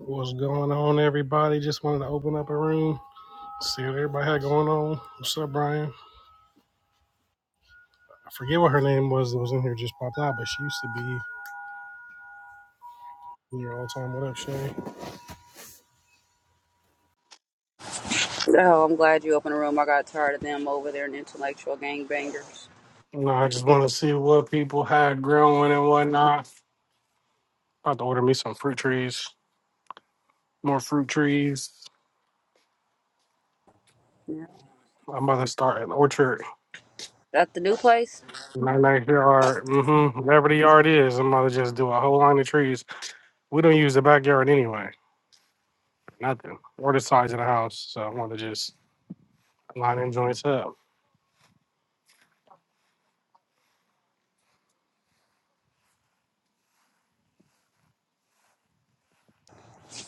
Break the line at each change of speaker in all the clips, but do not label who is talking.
What's going on, everybody? Just wanted to open up a room, see what everybody had going on. What's up, Brian? I forget what her name was that was in here just popped out, but she used to be in here all the time. What up, Shay?
Oh, I'm glad you opened the room. I got tired of them over there and intellectual gangbangers.
No, I just want to see what people had growing and whatnot. About to order me some fruit trees, more fruit trees.
Yeah.
I'm about to start an orchard.
That's the new place.
My backyard, mm-hmm, whatever the yard is, I'm about to just do a whole line of trees. We don't use the backyard anyway, nothing, or the size of the house. So I want to just line them joints up.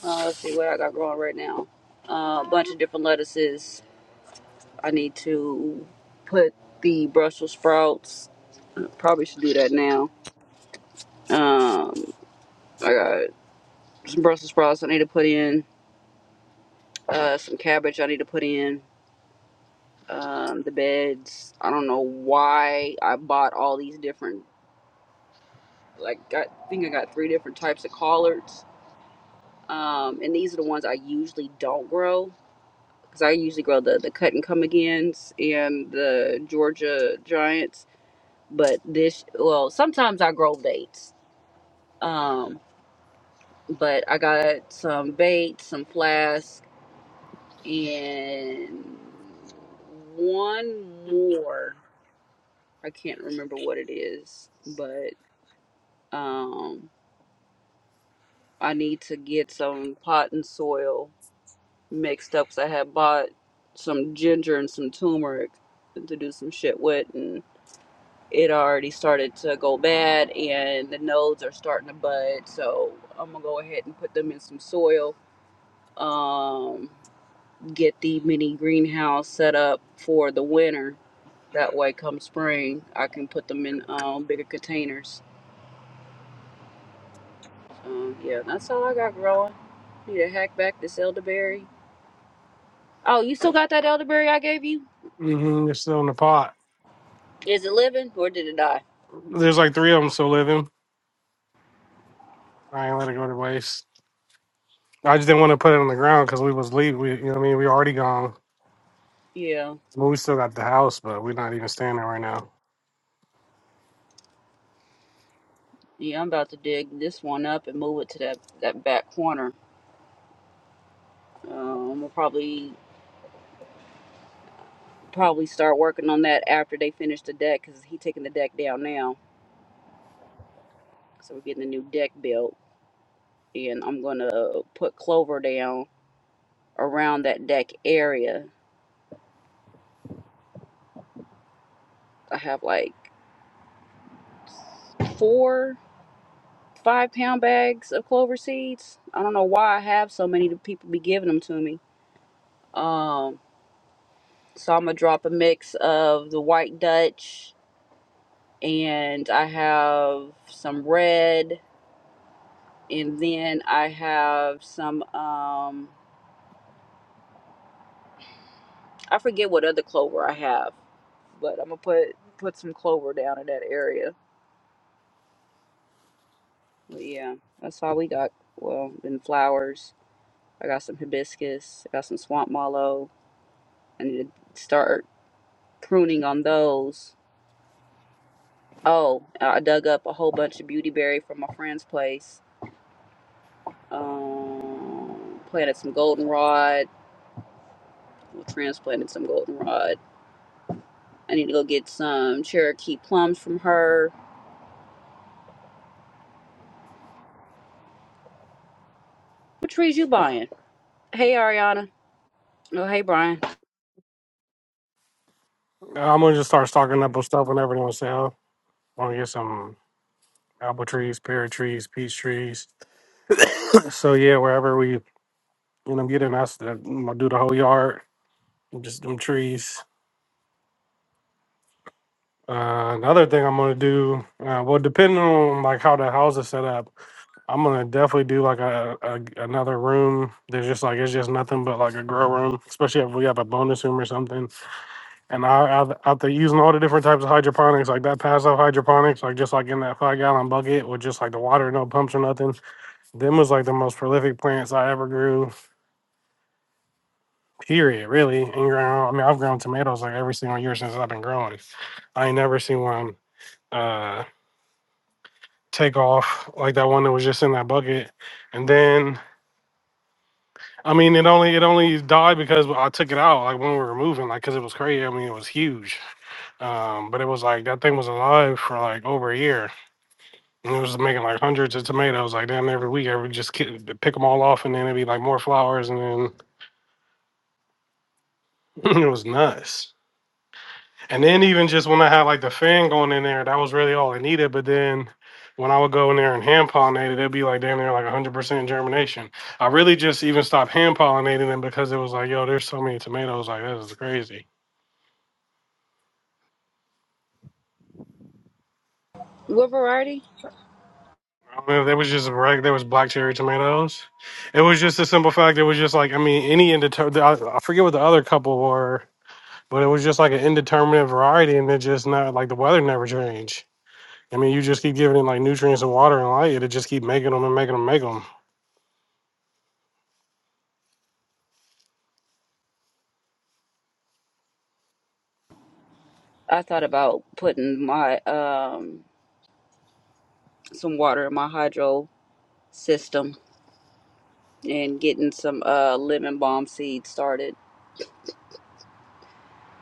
Uh, let's see what I got growing right now. Uh, a bunch of different lettuces. I need to put the Brussels sprouts. I Probably should do that now. Um, I got some Brussels sprouts I need to put in. Uh, some cabbage I need to put in. Um, the beds. I don't know why I bought all these different. Like I think I got three different types of collards um, and these are the ones I usually don't grow because I usually grow the the cut and come agains and the Georgia Giants. But this, well, sometimes I grow dates. Um, but I got some baits, some flask, and one more. I can't remember what it is, but um, I need to get some pot and soil mixed up, cause I had bought some ginger and some turmeric to do some shit with, and it already started to go bad, and the nodes are starting to bud. So I'm gonna go ahead and put them in some soil. Um, get the mini greenhouse set up for the winter. That way, come spring, I can put them in um, bigger containers. Um, yeah, that's all I got growing. Need to hack back this elderberry. Oh, you still got that elderberry I gave you?
Mm-hmm. They're still in the pot.
Is it living or did it die?
There's like three of them still living. I ain't let it go to waste. I just didn't want to put it on the ground because we was leave. We, you know, what I mean, we already gone.
Yeah.
Well, we still got the house, but we're not even staying there right now.
Yeah, I'm about to dig this one up and move it to that, that back corner. Um, we'll probably probably start working on that after they finish the deck because he taking the deck down now. So we're getting a new deck built, and I'm gonna put clover down around that deck area. I have like four five pound bags of clover seeds. I don't know why I have so many. The people be giving them to me. Um, so I'm gonna drop a mix of the white Dutch and I have some red, and then I have some. Um, I forget what other clover I have, but I'm gonna put put some clover down in that area. But yeah, that's all we got. Well, then flowers. I got some hibiscus. I got some swamp mallow. I need to start pruning on those. Oh, I dug up a whole bunch of beautyberry from my friend's place. Um, planted some goldenrod. Well, Transplanted some goldenrod I need to go get some Cherokee plums from her. What trees you buying? Hey Ariana. Oh hey Brian.
I'm gonna just start stocking up on stuff whenever they on sale. I'm gonna get some apple trees, pear trees, peach trees. so yeah, wherever we, you know, get in, that's the- I'm gonna do the whole yard, just them trees. Uh, another thing I'm gonna do, uh, well, depending on like how the house is set up. I'm gonna definitely do like a, a another room. There's just like it's just nothing but like a grow room, especially if we have a bonus room or something. And I I- after using all the different types of hydroponics, like that passive hydroponics, like just like in that five gallon bucket with just like the water, no pumps or nothing. Them was like the most prolific plants I ever grew. Period, really. And ground. I mean, I've grown tomatoes like every single year since I've been growing. I ain't never seen one uh take off like that one that was just in that bucket. And then I mean, it only it only died because I took it out like when we were moving, like because it was crazy. I mean, it was huge, um, but it was like that thing was alive for like over a year, and it was making like hundreds of tomatoes like damn every week. I would just ki- pick them all off, and then it'd be like more flowers, and then it was nuts. And then even just when I had like the fan going in there, that was really all I needed. But then when I would go in there and hand pollinate it, it'd be like damn near like 100% germination. I really just even stopped hand pollinating them because it was like, yo, there's so many tomatoes, like this is crazy.
What variety?
I mean, there was just reg, there was black cherry tomatoes. It was just a simple fact. It was just like I mean, any indeterminate. I I forget what the other couple were, but it was just like an indeterminate variety, and it just not like the weather never changed. I mean, you just keep giving it like nutrients and water and light, it'll just keep making them and making them, make them.
I thought about putting my um some water in my hydro system and getting some uh lemon balm seeds started.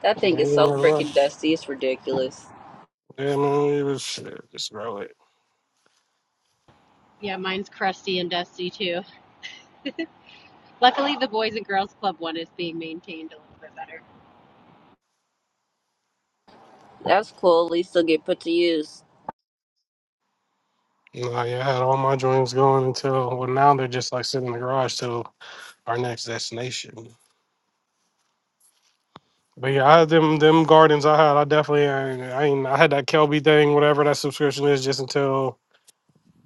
That thing is so
Yeah,
freaking dusty, it's ridiculous.
I mean, it was shit, just grow it.
Yeah, mine's crusty and dusty too. Luckily, the Boys and Girls Club one is being maintained a little bit better.
That's cool, at least they'll get put to use.
Nah, yeah, I had all my joints going until well, now they're just like sitting in the garage till our next destination. But yeah, I, them them gardens I had, I definitely I, I ain't I had that Kelby thing, whatever that subscription is, just until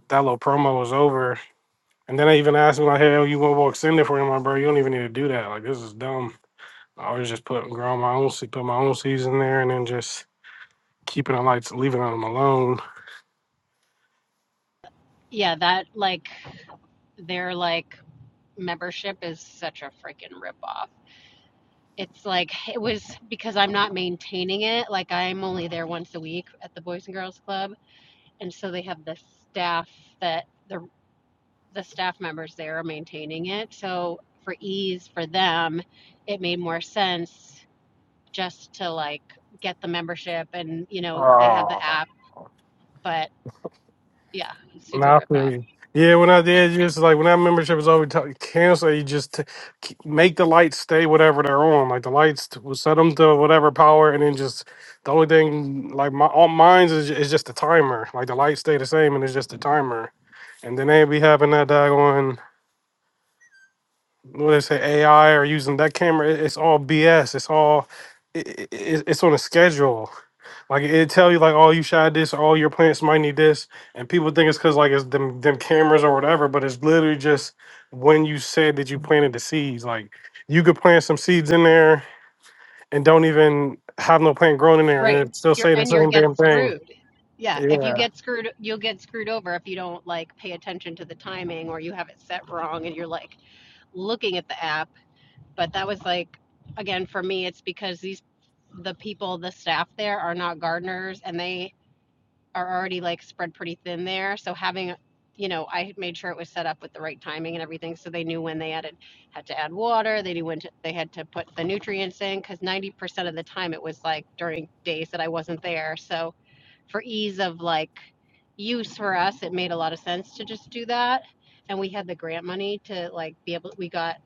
that little promo was over. And then they even asked me like, "Hell, you want to extend it for him, I'm like, bro? You don't even need to do that. Like, this is dumb." I was just putting growing my own se- put my own seeds in there, and then just keeping it like leaving them alone.
Yeah, that like their like membership is such a freaking ripoff. It's like it was because I'm not maintaining it. Like I'm only there once a week at the Boys and Girls Club, and so they have the staff that the the staff members there are maintaining it. So for ease for them, it made more sense just to like get the membership and you know they have the
Oh.
app but Yeah, super
Nah, I feel
ripoff.
you. Yeah, when I did, just like when that membership is over, t- cancel. You just t- keep- make the lights stay whatever they're on. Like the lights, t- will set them to whatever power, and then just the only thing like my all mine's is, is just the timer. Like the lights stay the same, and it's just the timer. And then they be having that daggone what they say AI or using that camera. It- It's all BS. It's all it, it, it's on a schedule. Like it tell you like, oh, you shot this, or, oh, your plants might need this, and people think it's because like it's them them cameras or whatever, but it's literally just when you said that you planted the seeds. Like you could plant some seeds in there and don't even have no plant grown in there,
Right.
and it still
You're
say the
and you're
same
get
damn thing.
screwed. Yeah. If you
Yeah.
get screwed, you'll get screwed over if you don't like pay attention to the timing or you have it set wrong and you're like looking at the app. But that was like again for me, it's because these the people, the staff there are not gardeners and they are already like spread pretty thin there. So having, you know, I had made sure it was set up with the right timing and everything, so they knew when they added had to add water. They knew when to, they had to put the nutrients in because ninety percent of the time it was like during days that I wasn't there. So for ease of like use for us, it made a lot of sense to just do that. And we had the grant money to like be able. We got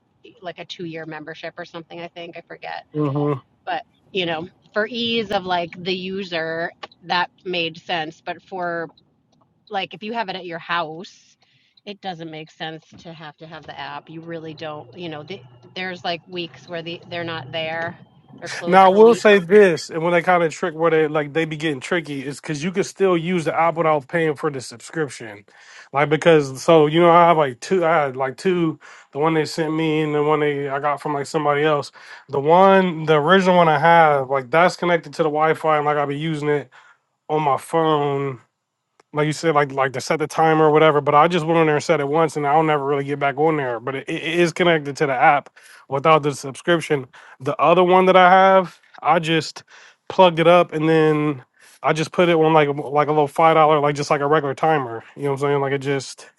like a two year membership or something. I think I forget
Mm-hmm.
but, you know, for ease of like the user, that made sense. But for like if you have it at your house, it doesn't make sense to have to have the app. You really don't, you know, the, there's like weeks where the, they're not there. They're
Now
closed
I
for
will
weeks.
say this, and when they kind of trick where they like they be getting tricky is because you can still use the app without paying for the subscription, like because so you know I have like two, I had like two, the one they sent me and the one they I got from like somebody else. The one, the original one I have, like that's connected to the Wi Fi and like I be using it on my phone like you said, like like to set the timer or whatever. But I just went on there and set it once, and I'll never really get back on there. But it, it is connected to the app without the subscription. The other one that I have, I just plugged it up, and then I just put it on like a- like a little five dollar, like just like a regular timer. You know what I'm saying? Like it just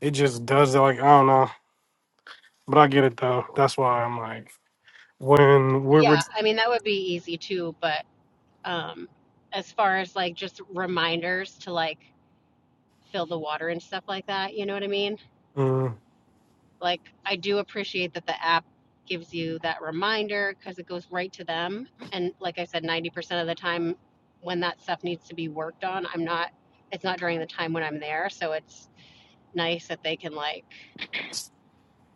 it just does it. Like I don't know, but I get it though. That's why I'm like when we're. we're
Yeah, I mean that would be easy too, but um as far as like just reminders to like fill the water and stuff like that, you know what I mean?
mm.
like I do appreciate that the app gives you that reminder because it goes right to them. And like I said, 90% of the time when that stuff needs to be worked on, I'm not, it's not during the time when I'm there. So it's nice that they can like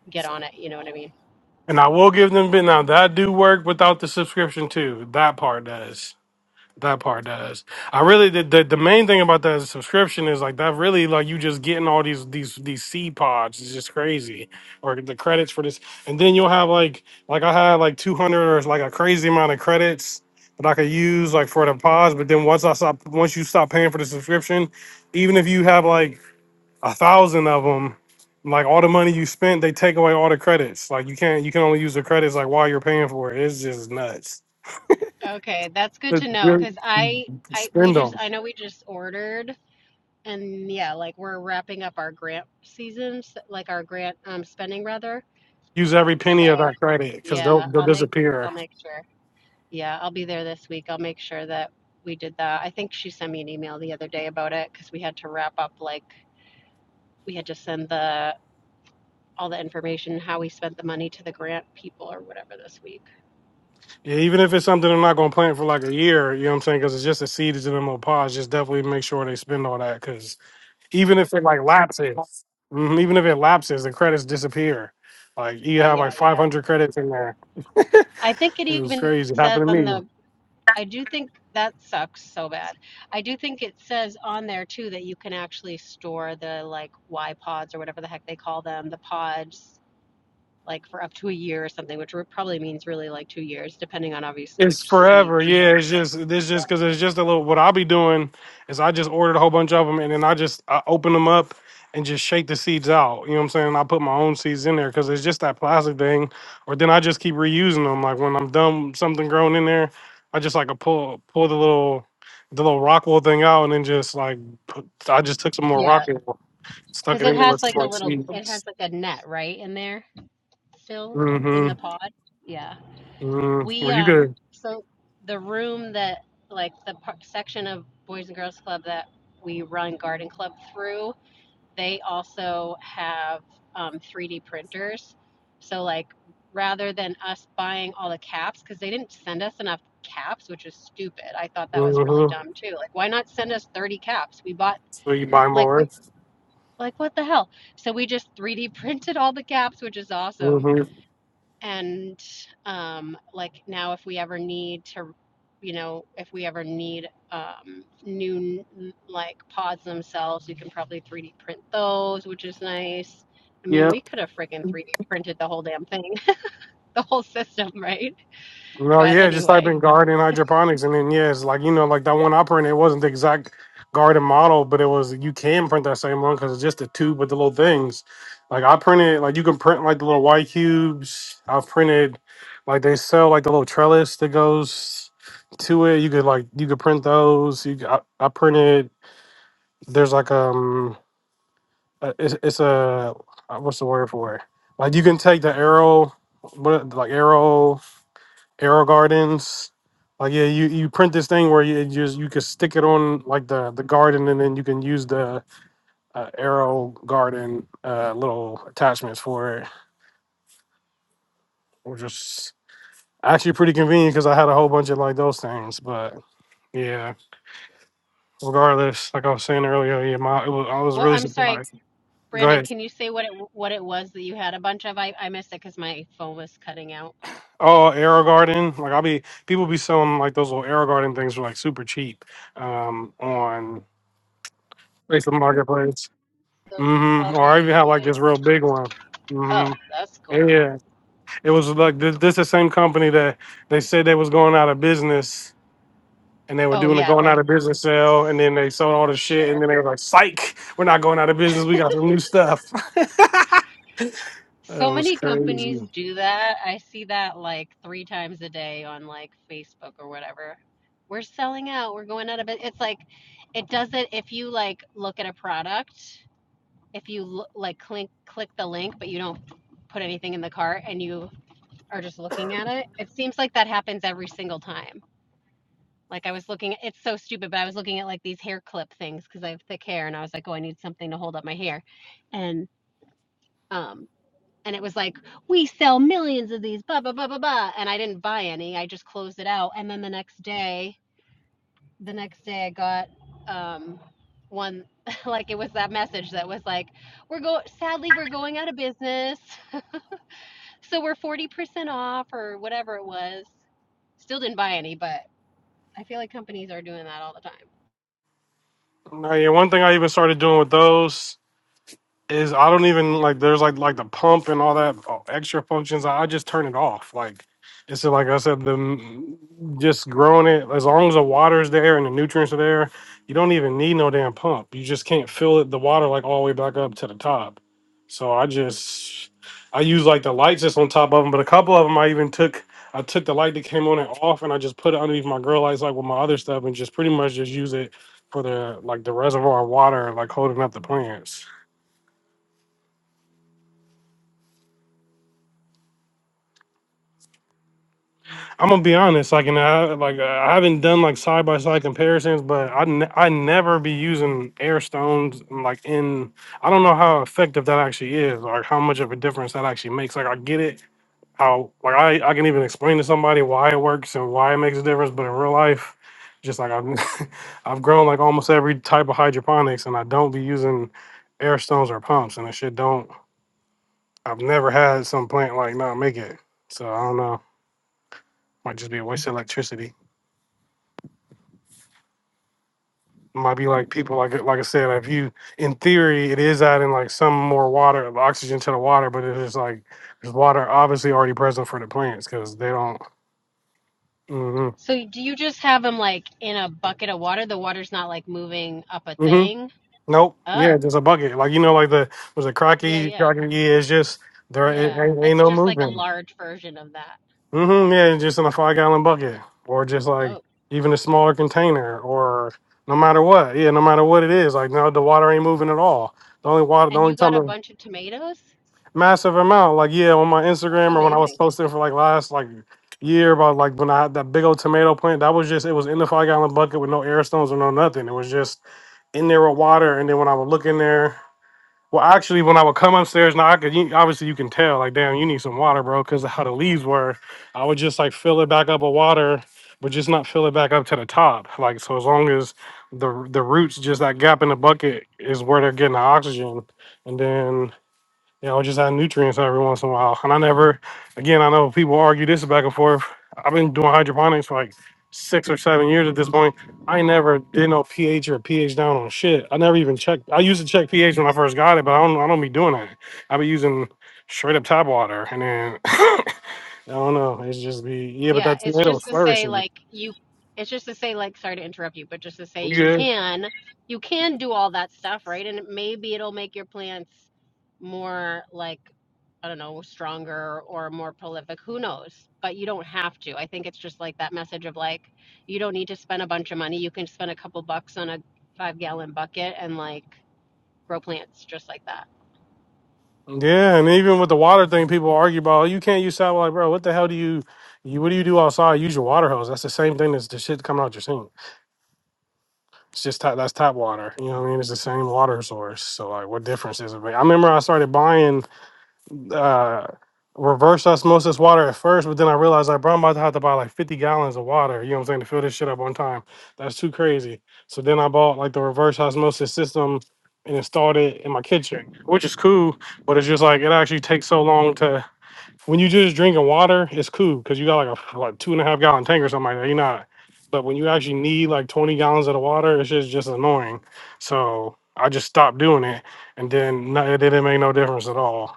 get on it. You know what I mean?
And I will give them, but now that do work without the subscription too. That part does. That part does. I really the, the the main thing about that subscription is like that really like you just getting all these these these seed pods. It's just crazy, or the credits for this, and then you'll have like like I had like two hundred or like a crazy amount of credits that I could use like for the pods. But then once I stop, once you stop paying for the subscription, even if you have like a thousand of them, like all the money you spent, they take away all the credits. Like you can't you can only use the credits like while you're paying for it. It's just nuts.
Okay. That's good to
But
know. Cause
good-
I, I, we
Spend 'em.
just, I know we just ordered and yeah, like we're wrapping up our grant seasons, like our grant um, spending rather.
Use every penny of
So
that credit because they'll
yeah,
they'll
I'll make,
disappear.
I'll make sure. Yeah, I'll be there this week. I'll make sure that we did that. I think she sent me an email the other day about it because we had to wrap up like we had to send the all the information how we spent the money to the grant people or whatever this week.
Yeah, even if it's something they're not going to plant for like a year, you know what I'm saying? Because it's just a seed that's in them little pods. Just definitely make sure they spend all that because even if it like lapses, mhm, even if it lapses, the credits disappear. Like you
Uh,
have
yeah,
like
yeah.
500 credits in there.
I think it
It was
even
crazy. It
says
happened to
on
me.
the I do think that sucks so bad. I do think it says on there too that you can actually store the like Y pods or whatever the heck they call them, the pods like for up to a year or something, which re- probably means really like two years, depending on obviously
It's
which seeds.
forever.
But
Yeah, it's just this just because it's just a little. What I'll be doing is I just ordered a whole bunch of them and then I just I open them up and just shake the seeds out. You know what I'm saying? I put my own seeds in there because it's just that plastic thing. Or then I just keep reusing them. Like when I'm done, with something grown in there, I just like a pull pull the little the little Rockwell thing out and then just like put, I just took some more
Yeah,
Rockwell, stuck
because
it
it
in there with
has like
some
a
more
little, it has
seeds.
like a net right in there still in the
Mm-hmm.
pod. Yeah.
Mm-hmm.
We,
Were you
um,
good?
so the room that, like the par- section of Boys and Girls Club that we run Garden Club through, they also have um, 3D printers. So, like, rather than us buying all the caps, because they didn't send us enough caps, which is stupid. I thought that was really
Mm-hmm.
dumb too. Like, why not send us 30 caps? We bought,
So you buy
like, we
more.
Like, what the hell? So we just 3D printed all the caps, which is awesome.
Mm-hmm.
And um, like now, if we ever need to, you know, if we ever need um, new like pods themselves, we can probably 3D print those, which is nice. I mean,
Yep.
we could have freaking 3D printed the whole damn thing, the whole system, right?
No,
But
yeah, just type in
anyway,
garden hydroponics, and then yeah, it's like you know, like that one I printed. It wasn't the exact garden model, but it was. You can print that same one because it's just the tube with the little things. Like I printed, like you can print like the little white cubes. I've printed, like they sell like the little trellis that goes to it. You could like you could print those. You c- I, I printed. There's like um, uh, it's it's a uh, what's the word for it? Like you can take the arrow, what like arrow. Arrow Gardens. Like yeah, you, you print this thing where you just you can stick it on like the the garden, and then you can use the uh, Arrow Garden uh, little attachments for it, which is actually pretty convenient because I had a whole bunch of like those things. But yeah, regardless, like I was saying earlier, yeah, my it was, I was
well,
really
I'm sorry,
surprised. Go
Brandon.
ahead.
Can you say what it what it was that you had a bunch of? I I missed it because my phone was cutting out.
Oh, Arrow Garden. Like I'll be people be selling like those little Arrow Garden things for like super cheap um, on Facebook Marketplace.
Those,
Mm-hmm.
okay.
Or I even have
yeah,
like
yeah,
this real big one.
Oh,
hmm
that's cool.
Yeah, it was like this. This the same company that they said they was going out of business, and they were
Oh,
doing a
yeah,
going out
like
of business sale, and then they sold all the shit, and
sure.
then they were like, "Psych, we're not going out of business. We got some new stuff." that
So
was
many
crazy.
companies do that. I see that like three times a day on like Facebook or whatever. We're selling out. We're going out of it. It's like it doesn't if you like look at a product, if you lo- like click click the link but you don't put anything in the cart and you are just looking at it. It seems like that happens every single time. Like, I was looking at it's so stupid, but I was looking at, like, these hair clip things because I have thick hair, and I was like, "Oh, I need something to hold up my hair." And, um, and it was like, "We sell millions of these, blah, blah, blah, blah, blah," and I didn't buy any, I just closed it out, and then the next day the next day, I got, um, one like, it was that message that was like, "We're go sadly, we're going out of business, so we're 40% off," or whatever it was. Still didn't buy any, but I feel like companies are doing that all the time.
Now, yeah, one thing I even started doing with those is I don't even like there's like like the pump and all that uh, extra functions. I just turn it off. Like it's like I said, the mm, just growing it as long as the water's there and the nutrients are there, you don't even need no damn pump. You just can't fill it the water like all the way back up to the top. So I just I use like the lights just on top of them, but a couple of them I even took. I took the light that came on and off, and I just put it underneath my grow lights, like with my other stuff, and just pretty much just use it for the like the reservoir water, like holding up the plants. I'm gonna be honest. Like, and I like I haven't done like side by side comparisons, but I ne- I never be using air stones like in. I don't know how effective that actually is, or how much of a difference that actually makes. Like, I get it. How like I I can even explain to somebody why it works and why it makes a difference, but in real life, just like I've I've grown like almost every type of hydroponics, and I don't be using air stones or pumps, and that shit don't. I've never had some plant like not make it, so I don't know. Might just be a waste of electricity. might be like people like like I said, if you in theory it is adding like some more water, oxygen to the water, but it's just like there's water obviously already present for the plants because they don't. hmm
So do you just have them like in a bucket of water? The water's not like moving up a
hmm
thing.
Nope.
Oh,
Yeah, just a bucket. Like you know, like the was it
yeah,
Crocky?
yeah,
Crocky? Yeah, it's just there it
yeah.
ain't, ain't
It's
no
just like a
moving.
large version of that.
hmm Yeah, it's just in a five gallon bucket or just like
Oh,
even a smaller container or no matter what. Yeah, no matter what it is, like no, the water ain't moving at all. The only water, the
and you
only time.
got a
the
bunch of tomatoes.
massive amount. Like yeah, on my
That's
Instagram or when I was
amazing.
posting for like last like year about like when I had that big old tomato plant, that was just it was in the five gallon bucket with no air stones or no nothing. It was just in there with water. And then when I would look in there, well actually when I would come upstairs now I could you, obviously you can tell like damn you need some water bro because how the leaves were. I would just like fill it back up with water. But just not fill it back up to the top, like so. As long as the the roots, just that gap in the bucket, is where they're getting the oxygen, and then you know, just add nutrients every once in a while. And I never, again, I know people argue this back and forth. I've been doing hydroponics for like six or seven years at this point. I never did no pH or pH down on shit. I never even checked. I used to check pH when I first got it, but I don't. I don't be doing that. I be using straight up tap water, and then I don't know. It's just be yeah. But
Yeah,
that
it's
tomato
just
is
to say
flourishing.
like you it's just to say like sorry to interrupt you, but just to say you can you can do all that stuff, right? And maybe it'll make your plants more like I don't know, stronger or more prolific, who knows? But you don't have to. I think it's just like that message of like you don't need to spend a bunch of money. You can spend a couple bucks on a 5-gallon bucket and like grow plants just like that.
Yeah, and even with the water thing, people argue about "Oh, you can't use sat Like, bro, what the hell do you, you? What do you do outside? Use your water hose. That's the same thing as the shit coming out your sink. It's just tap, that's tap water. You know what I mean? It's the same water source. So like, what difference is it? make? I remember I started buying uh, reverse osmosis water at first, but then I realized like, bro, I'm about to have to buy like 50 gallons of water. You know what I'm saying to fill this shit up on time. That's too crazy. So then I bought like the reverse osmosis system and installed it in my kitchen, which is cool. But it's just like it actually takes so long to when you just drinking water, it's cool because you got like a like two and a half gallon tank or something like that. You're not. But when you actually need like 20 gallons of the water, it's just just annoying. So I just stopped doing it, and then no, it didn't make no difference at all.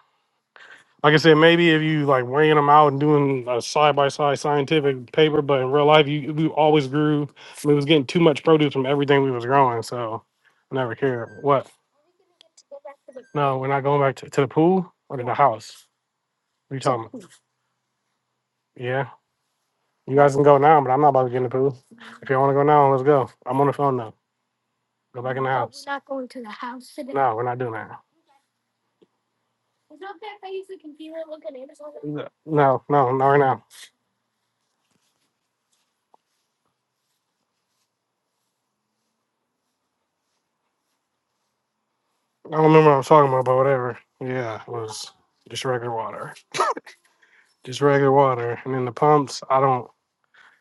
Like I said, maybe if you like weighing them out and doing a side by side scientific paper, but in real life, you we always grew. We was getting too much produce from everything we was growing, so I never cared. What? No, we're not going back to, to the pool or to the house. What are you talking about? Yeah. You guys can go now, but I'm not about to get in the pool. If you want to go now, let's go. I'm on the phone now. Go back in the house. No, we're not doing that. No, no, no, not right now. I don't remember what I was talking about, but whatever. Yeah, it was just regular water. Just regular water. And then the pumps, I don't.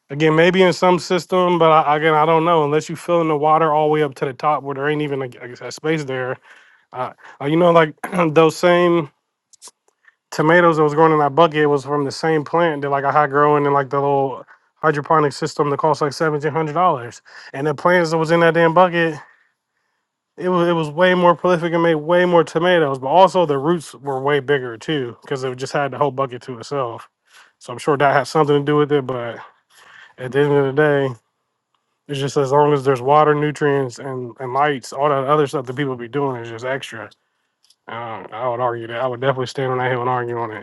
Again, maybe in some system, but I, again, I don't know. Unless you fill in the water all the way up to the top where there ain't even a, a- a space there. Uh, uh, you know, like those same. tomatoes that was growing in that bucket was from the same plant that like I had growing in like the little hydroponic system that cost like seventeen hundred dollars. And the plants that was in that damn bucket, it was it was way more prolific and made way more tomatoes, but also the roots were way bigger too because it just had the whole bucket to itself. So I'm sure that has something to do with it, but at the end of the day. It's just as long as there's water, nutrients, and, and lights, all that other stuff that people be doing is just extra. Uh, I would argue that. I would definitely stand on that hill and argue on it.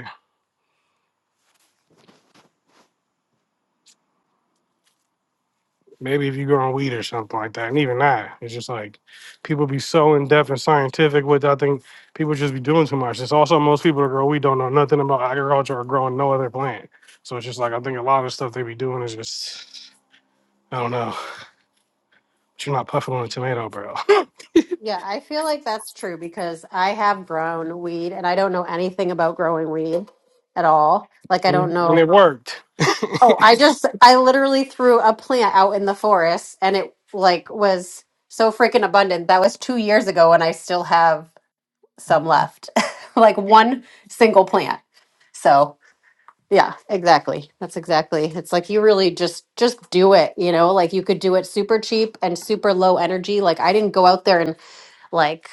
Maybe if you grow on weed or something like that, and even that, it's just like people be so in depth and scientific with. I think people just be doing too much. It's also most people that grow weed don't know nothing about agriculture or growing no other plant. So it's just like I think a lot of stuff they be doing is just I don't know. But you're not puffing on a tomato, bro.
Yeah, I feel like that's true because I have grown weed and I don't know anything about growing weed at all. Like I don't
and
know.
it worked.
Oh, I just I literally threw a plant out in the forest and it like was so freaking abundant. That was 2 years ago and I still have some left. like one single plant. So, yeah, exactly. That's exactly. It's like you really just just do it, you know? Like you could do it super cheap and super low energy. Like I didn't go out there and like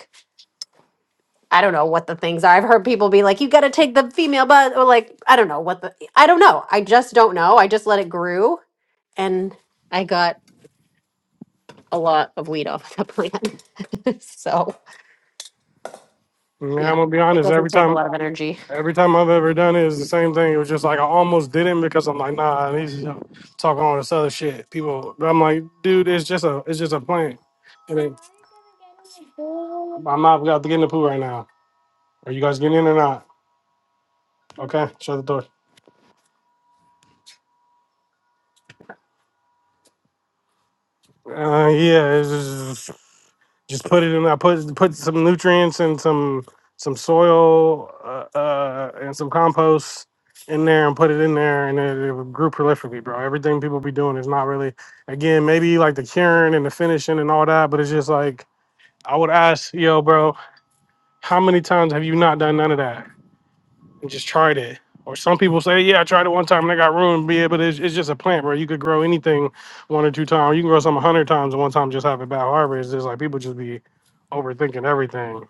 I don't know what the things are. I've heard people be like, you got to take the female bus, or like, I don't know what the, I don't know. I just don't know. I just let it grew and I got a lot of weed off the plant. so,
Yeah, I'm
yeah,
gonna be
it
honest.
doesn't
Every
take a
time
lot of energy.
Every time I've ever done it is the same thing. It was just like I almost didn't because I'm like, nah, these talking all this other shit. People, but I'm like, dude, it's just a, it's just a plant. And then my mom got to get in the pool right now. Are you guys getting in or not? Okay, shut the door. Uh, yeah, it's just, just put it in. I put put some nutrients and some some soil uh, uh, and some compost in there and put it in there, and it, it grew prolifically, bro. Everything people be doing is not really. Again, maybe like the curing and the finishing and all that, but it's just like I would ask, yo, bro, how many times have you not done none of that? and just tried it. Or some people say, yeah, I tried it one time and I got ruined. Be but it's, it's just a plant, bro. You could grow anything one or two times. You can grow something a hundred times and one time just have a bad harvest. It's just like people just be overthinking everything.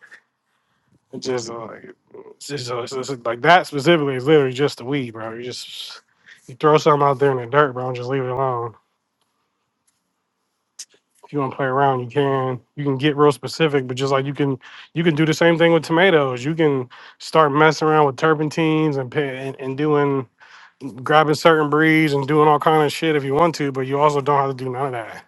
It's just uh, like it's just, uh, it's just, like that specifically is literally just the weed, bro. You just you throw something out there in the dirt, bro, and just leave it alone. If you want to play around, you can. You can get real specific, but just like you can, you can do the same thing with tomatoes. You can start messing around with turpentines and, pa- and and doing grabbing certain breeds and doing all kind of shit if you want to, but you also don't have to do none of that.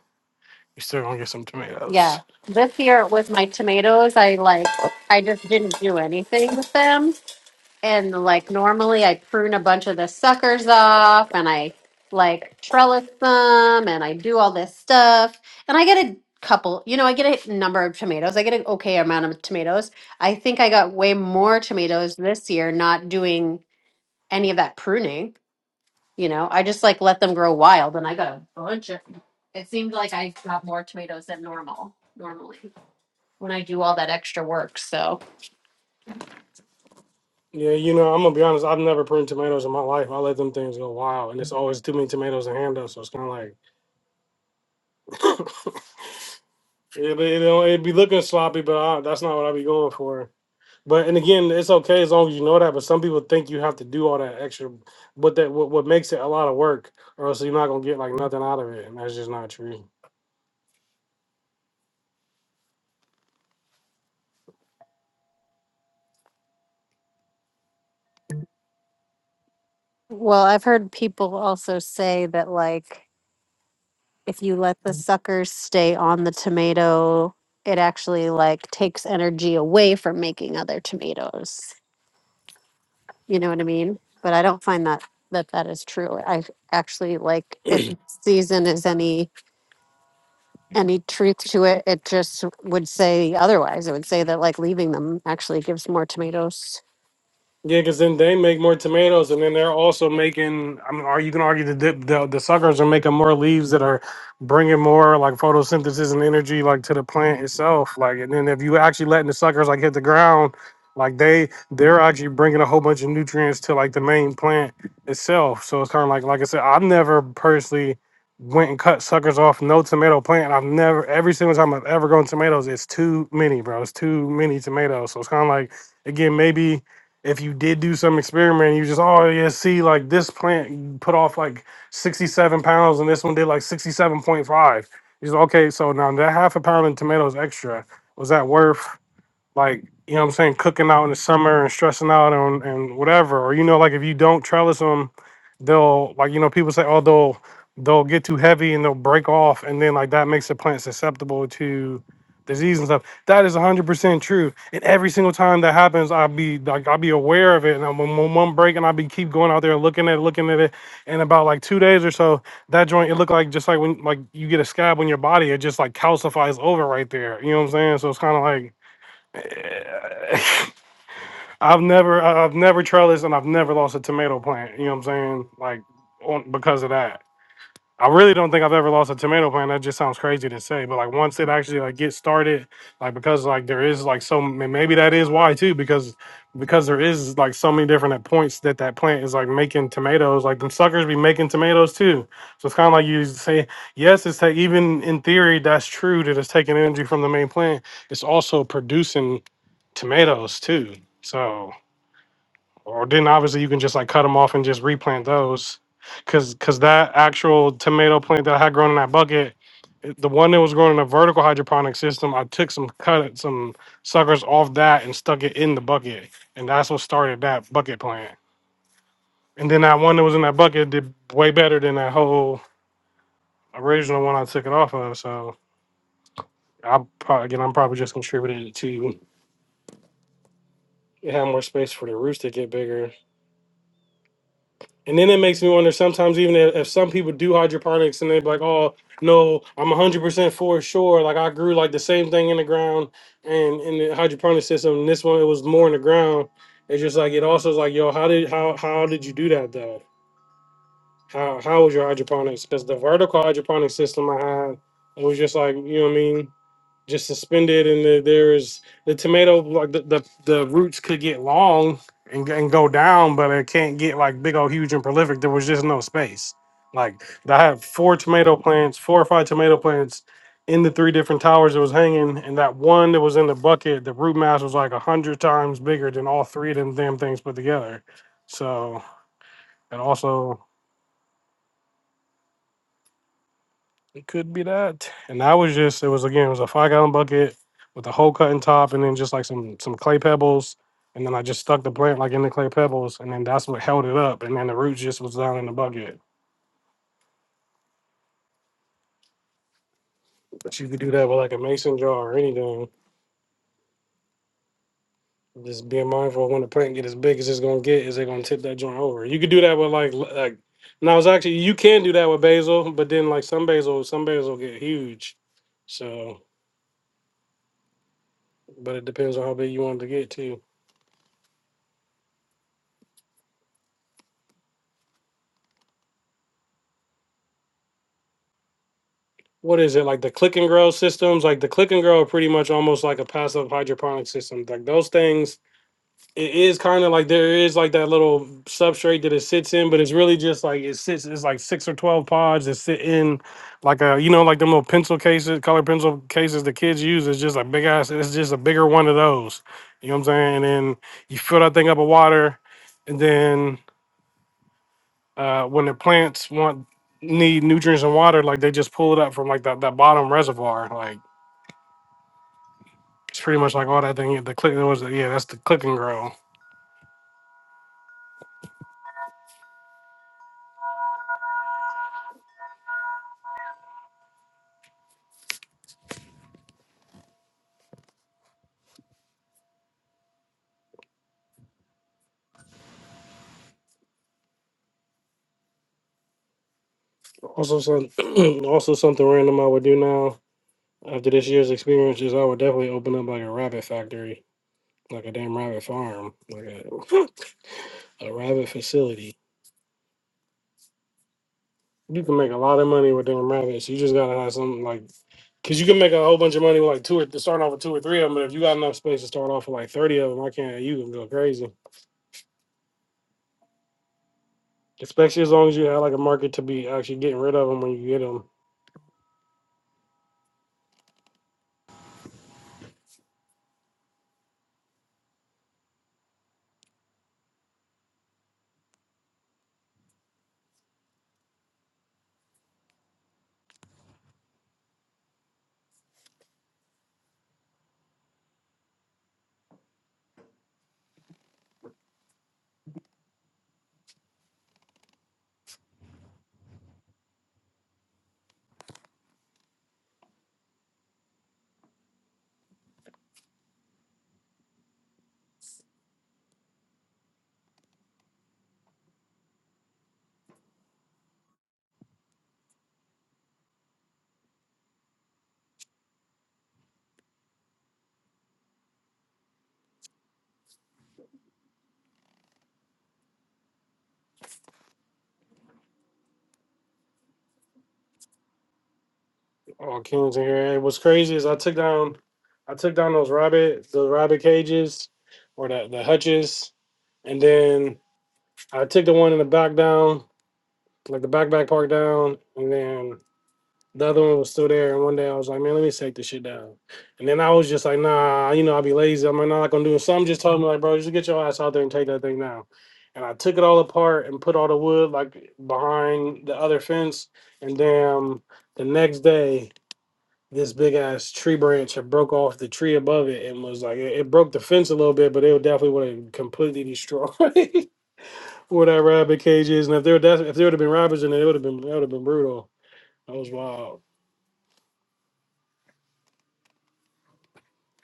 You still gonna get some tomatoes.
Yeah. This year with my tomatoes, I like, I just didn't do anything with them. And like normally I prune a bunch of the suckers off and I like trellis them and I do all this stuff. And I get a couple, you know, I get a number of tomatoes. I get an okay amount of tomatoes. I think I got way more tomatoes this year not doing any of that pruning. You know, I just like let them grow wild and I got a bunch of it seemed like I got more tomatoes than normal normally when I do all that extra work. So
Yeah, you know, I'm gonna be honest. I've never pruned tomatoes in my life. I let them things go wild, and it's always too many tomatoes to handle. So it's kind of like it, it, it'd be looking sloppy, but I, that's not what i be going for. But and again, it's okay as long as you know that. But some people think you have to do all that extra, but that what, what makes it a lot of work, or else you're not gonna get like nothing out of it, and that's just not true.
Well, I've heard people also say that like if you let the suckers stay on the tomato, it actually like takes energy away from making other tomatoes. You know what I mean? But I don't find that that that is true. I actually like if season is any any truth to it, it just would say otherwise. It would say that like leaving them actually gives more tomatoes.
Yeah, because then they make more tomatoes, and then they're also making. I mean, are you can argue the dip, the the suckers are making more leaves that are bringing more like photosynthesis and energy like to the plant itself. Like, and then if you actually letting the suckers like hit the ground, like they they're actually bringing a whole bunch of nutrients to like the main plant itself. So it's kind of like like I said, I've never personally went and cut suckers off no tomato plant. I've never every single time I've ever grown tomatoes, it's too many, bro. It's too many tomatoes. So it's kind of like again maybe if you did do some experiment, you just oh yeah, see like this plant put off like sixty seven pounds, and this one did like sixty seven point five. He's like, okay, so now that half a pound of tomatoes extra was that worth? like you know what I'm saying, cooking out in the summer and stressing out on and whatever. Or you know, like if you don't trellis them, they'll like you know people say, oh they'll they'll get too heavy and they'll break off, and then like that makes the plant susceptible to disease and stuff. That is 100% true. And every single time that happens, I'll be like I'll be aware of it, and I'm on one break, and I'll be keep going out there looking at it, looking at it. And about like two days or so, that joint it looked like just like when like you get a scab on your body, it just like calcifies over right there. You know what I'm saying? So it's kind of like I've never I- I've never trellised and I've never lost a tomato plant. You know what I'm saying? Like on, because of that. I really don't think I've ever lost a tomato plant. That just sounds crazy to say, but like once it actually like gets started, like because like there is like so m- maybe that is why too because because there is like so many different uh, points that that plant is like making tomatoes. Like them suckers be making tomatoes too. So it's kind of like you say yes, it's ta- even in theory that's true that it's taking energy from the main plant. It's also producing tomatoes too. So. Or then obviously you can just like cut them off and just replant those, cause cause that actual tomato plant that I had grown in that bucket, it- the one that was growing in a vertical hydroponic system, I took some cut some suckers off that and stuck it in the bucket, and that's what started that bucket plant. And then that one that was in that bucket did way better than that whole original one I took it off of. So I probably again I'm probably just contributing to it had more space for the roots to get bigger And then it makes me wonder sometimes even if, if some people do hydroponics and they're like, oh no, I'm 100% for sure. Like I grew like the same thing in the ground and in the hydroponic system. And this one, it was more in the ground. It's just like, it also is like, yo, how did, how, how did you do that though? How, how was your hydroponics? Because the vertical hydroponic system I had, it was just like, you know what I mean? just suspended, and the, there is the tomato like the, the the roots could get long and, and go down, but it can't get like big old huge and prolific. There was just no space. Like I had four tomato plants, four or five tomato plants in the three different towers that was hanging, and that one that was in the bucket, the root mass was like a hundred times bigger than all three of them damn things put together. So and also It could be that. And I was just, it was again, it was a five gallon bucket with a hole cut in top and then just like some some clay pebbles. And then I just stuck the plant like in the clay pebbles and then that's what held it up. And then the roots just was down in the bucket. But you could do that with like a mason jar or anything. Just being mindful of when the plant get as big as it's gonna get, is it gonna tip that joint over? You could do that with like l- like now it's actually you can do that with basil, but then like some basil, some basil get huge. So but it depends on how big you want it to get too. what is it like the click and grow systems like the click and grow are pretty much almost like a passive hydroponic system like those things it is kind of like there is like that little substrate that it sits in but it's really just like it sits it's like six or 12 pods that sit in like a you know like them little pencil cases color pencil cases the kids use it's just a big ass it's just a bigger one of those you know what i'm saying and then you fill that thing up with water and then uh when the plants want need nutrients and water like they just pull it up from like that, that bottom reservoir like It's pretty much like all that thing. The click that was yeah, that's the clicking ground. Also, some also something random I would do now after this year's experience is I would definitely open up like a rabbit factory, like a damn rabbit farm, like a a rabbit facility. You can make a lot of money with damn rabbits. You just gotta have something like, cause you can make a whole bunch of money with like two or start off with two or three of them. But if you got enough space to start off with like thirty of them, I can't. You can go crazy, especially as long as you have like a market to be actually getting rid of them when you get them. Oh, Kim's in here. And what's crazy is I took down, I took down those rabbit, the rabbit cages, or the the hutches, and then I took the one in the back down, like the back back park down, and then the other one was still there. And one day I was like, man, let me take this shit down. And then I was just like, nah, you know, I'll be lazy. I'm like, nah, I'm not gonna do it. Something just told me like, bro, just get your ass out there and take that thing down. And I took it all apart and put all the wood like behind the other fence, and then the next day this big ass tree branch had broke off the tree above it and was like it, it broke the fence a little bit, but they would definitely would have completely destroyed where that rabbit cage is. And if there that if there would have been rabbits in it, it would have been that would have been brutal. That was wild.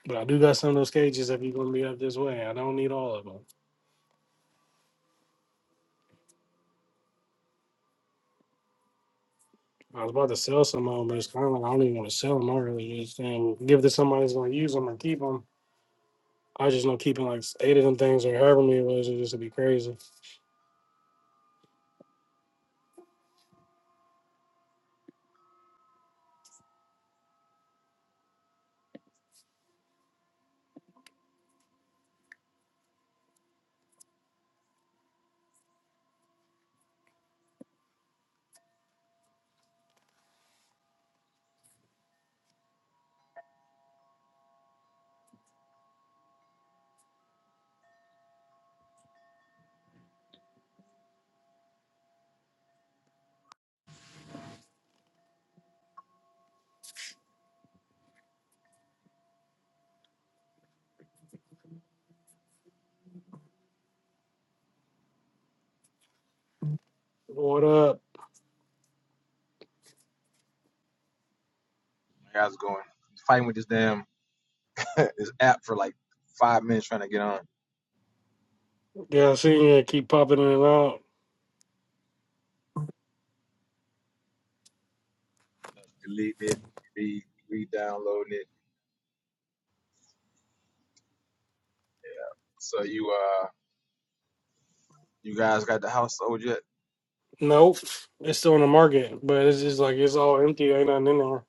But I do got some of those cages if you're gonna be up this way. I don't need all of them. I was about to sell some of them, but it's kind of like I don't even want to sell them. I really just um, give it to somebody who's gonna use them and keep them. I just know keeping like eight of them things or however many it was, it just would be crazy. What up?
How's it going? Fighting with this damn this app for like five minutes trying to get on.
Yeah, I seen you keep popping in and out.
Deleting it, re re downloading it. So you uh you guys got the house sold yet?
Nope, it's still in the market, but it's just like it's all empty. There ain't nothing in there.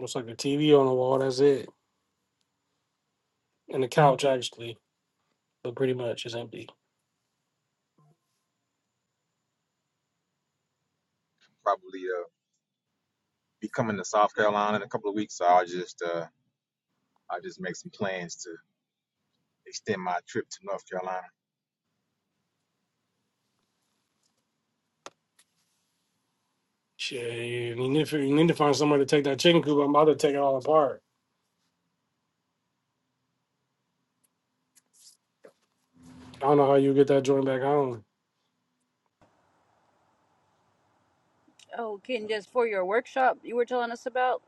It's like a TV on the wall. That's it, and the couch actually, but pretty much it's empty.
Probably uh be coming to South Carolina in a couple of weeks, so I'll just uh I'll just make some plans to extend my trip to North Carolina.
Shit, you need to you need to find somewhere to take that chicken coop. I'm about to take it all apart. I don't know how you get that joint back home.
Oh, Ken, just for your workshop you were telling us about?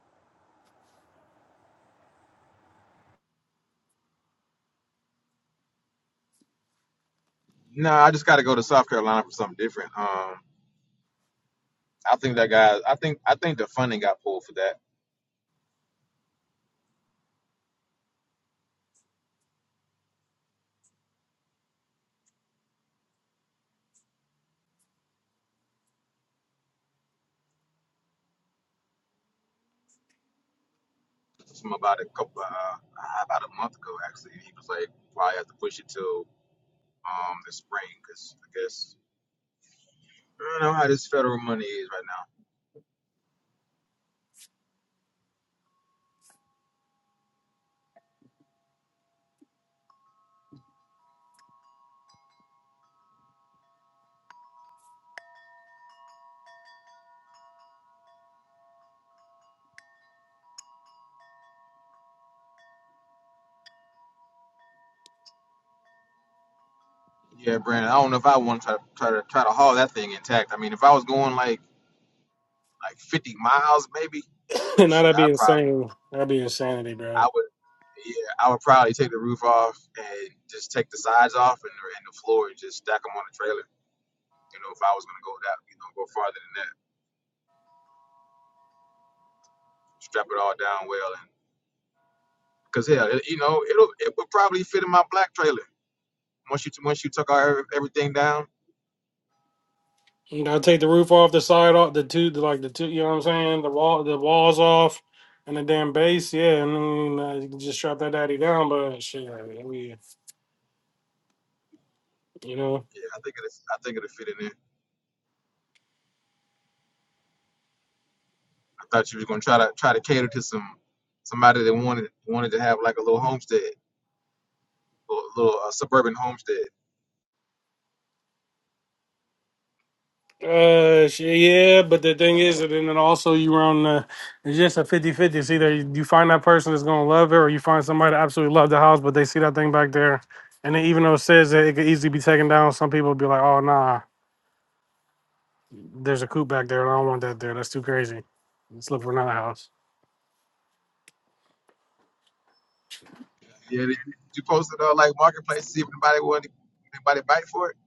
No, I just gotta go to South Carolina for something different. Um I think that guy I think I think the funding got pulled for that from about a couple uh about a month ago actually. He was like, probably have to push it till um the spring because I guess I don't know how this federal money is right now. Yeah, Brandon, I don't know if I want to try, try to try to haul that thing intact. I mean, if I was going like like 50 miles maybe,
now
but shit,
that'd
I
be
probably
insane. That'd be insanity,
I
bro.
would yeah I would probably take the roof off and just take the sides off and and the floor and just stack them on the trailer. You know, if I was gonna go that you know go farther than that, strap it all down well and because hell, it, you know it'll it would probably fit in my black trailer once you once you took our everything down.
You gotta take the roof off, the side off, the two, the, like the two. You know what I'm saying? The wall, the walls off, and the damn base. Yeah, and then uh, you can just strap that daddy down. But shit, I mean, we, you know.
Yeah, I think it I think it'll fit in there. I thought you was gonna try to try to cater to some somebody that wanted wanted to have like a little homestead, a little uh, suburban homestead.
Uh, sh- yeah, but the thing is, and then also you're on the, it's just a fifty-fifty. 50. It's either you find that person that's going to love it or you find somebody that absolutely love the house, but they see that thing back there. And then even though it says that it could easily be taken down, some people be like, oh, nah, there's a coop back there. and I don't want that there. That's too crazy. Let's look for another house.
Yeah, did you, you posted uh, like marketplace to see if anybody wanted anybody bite for it.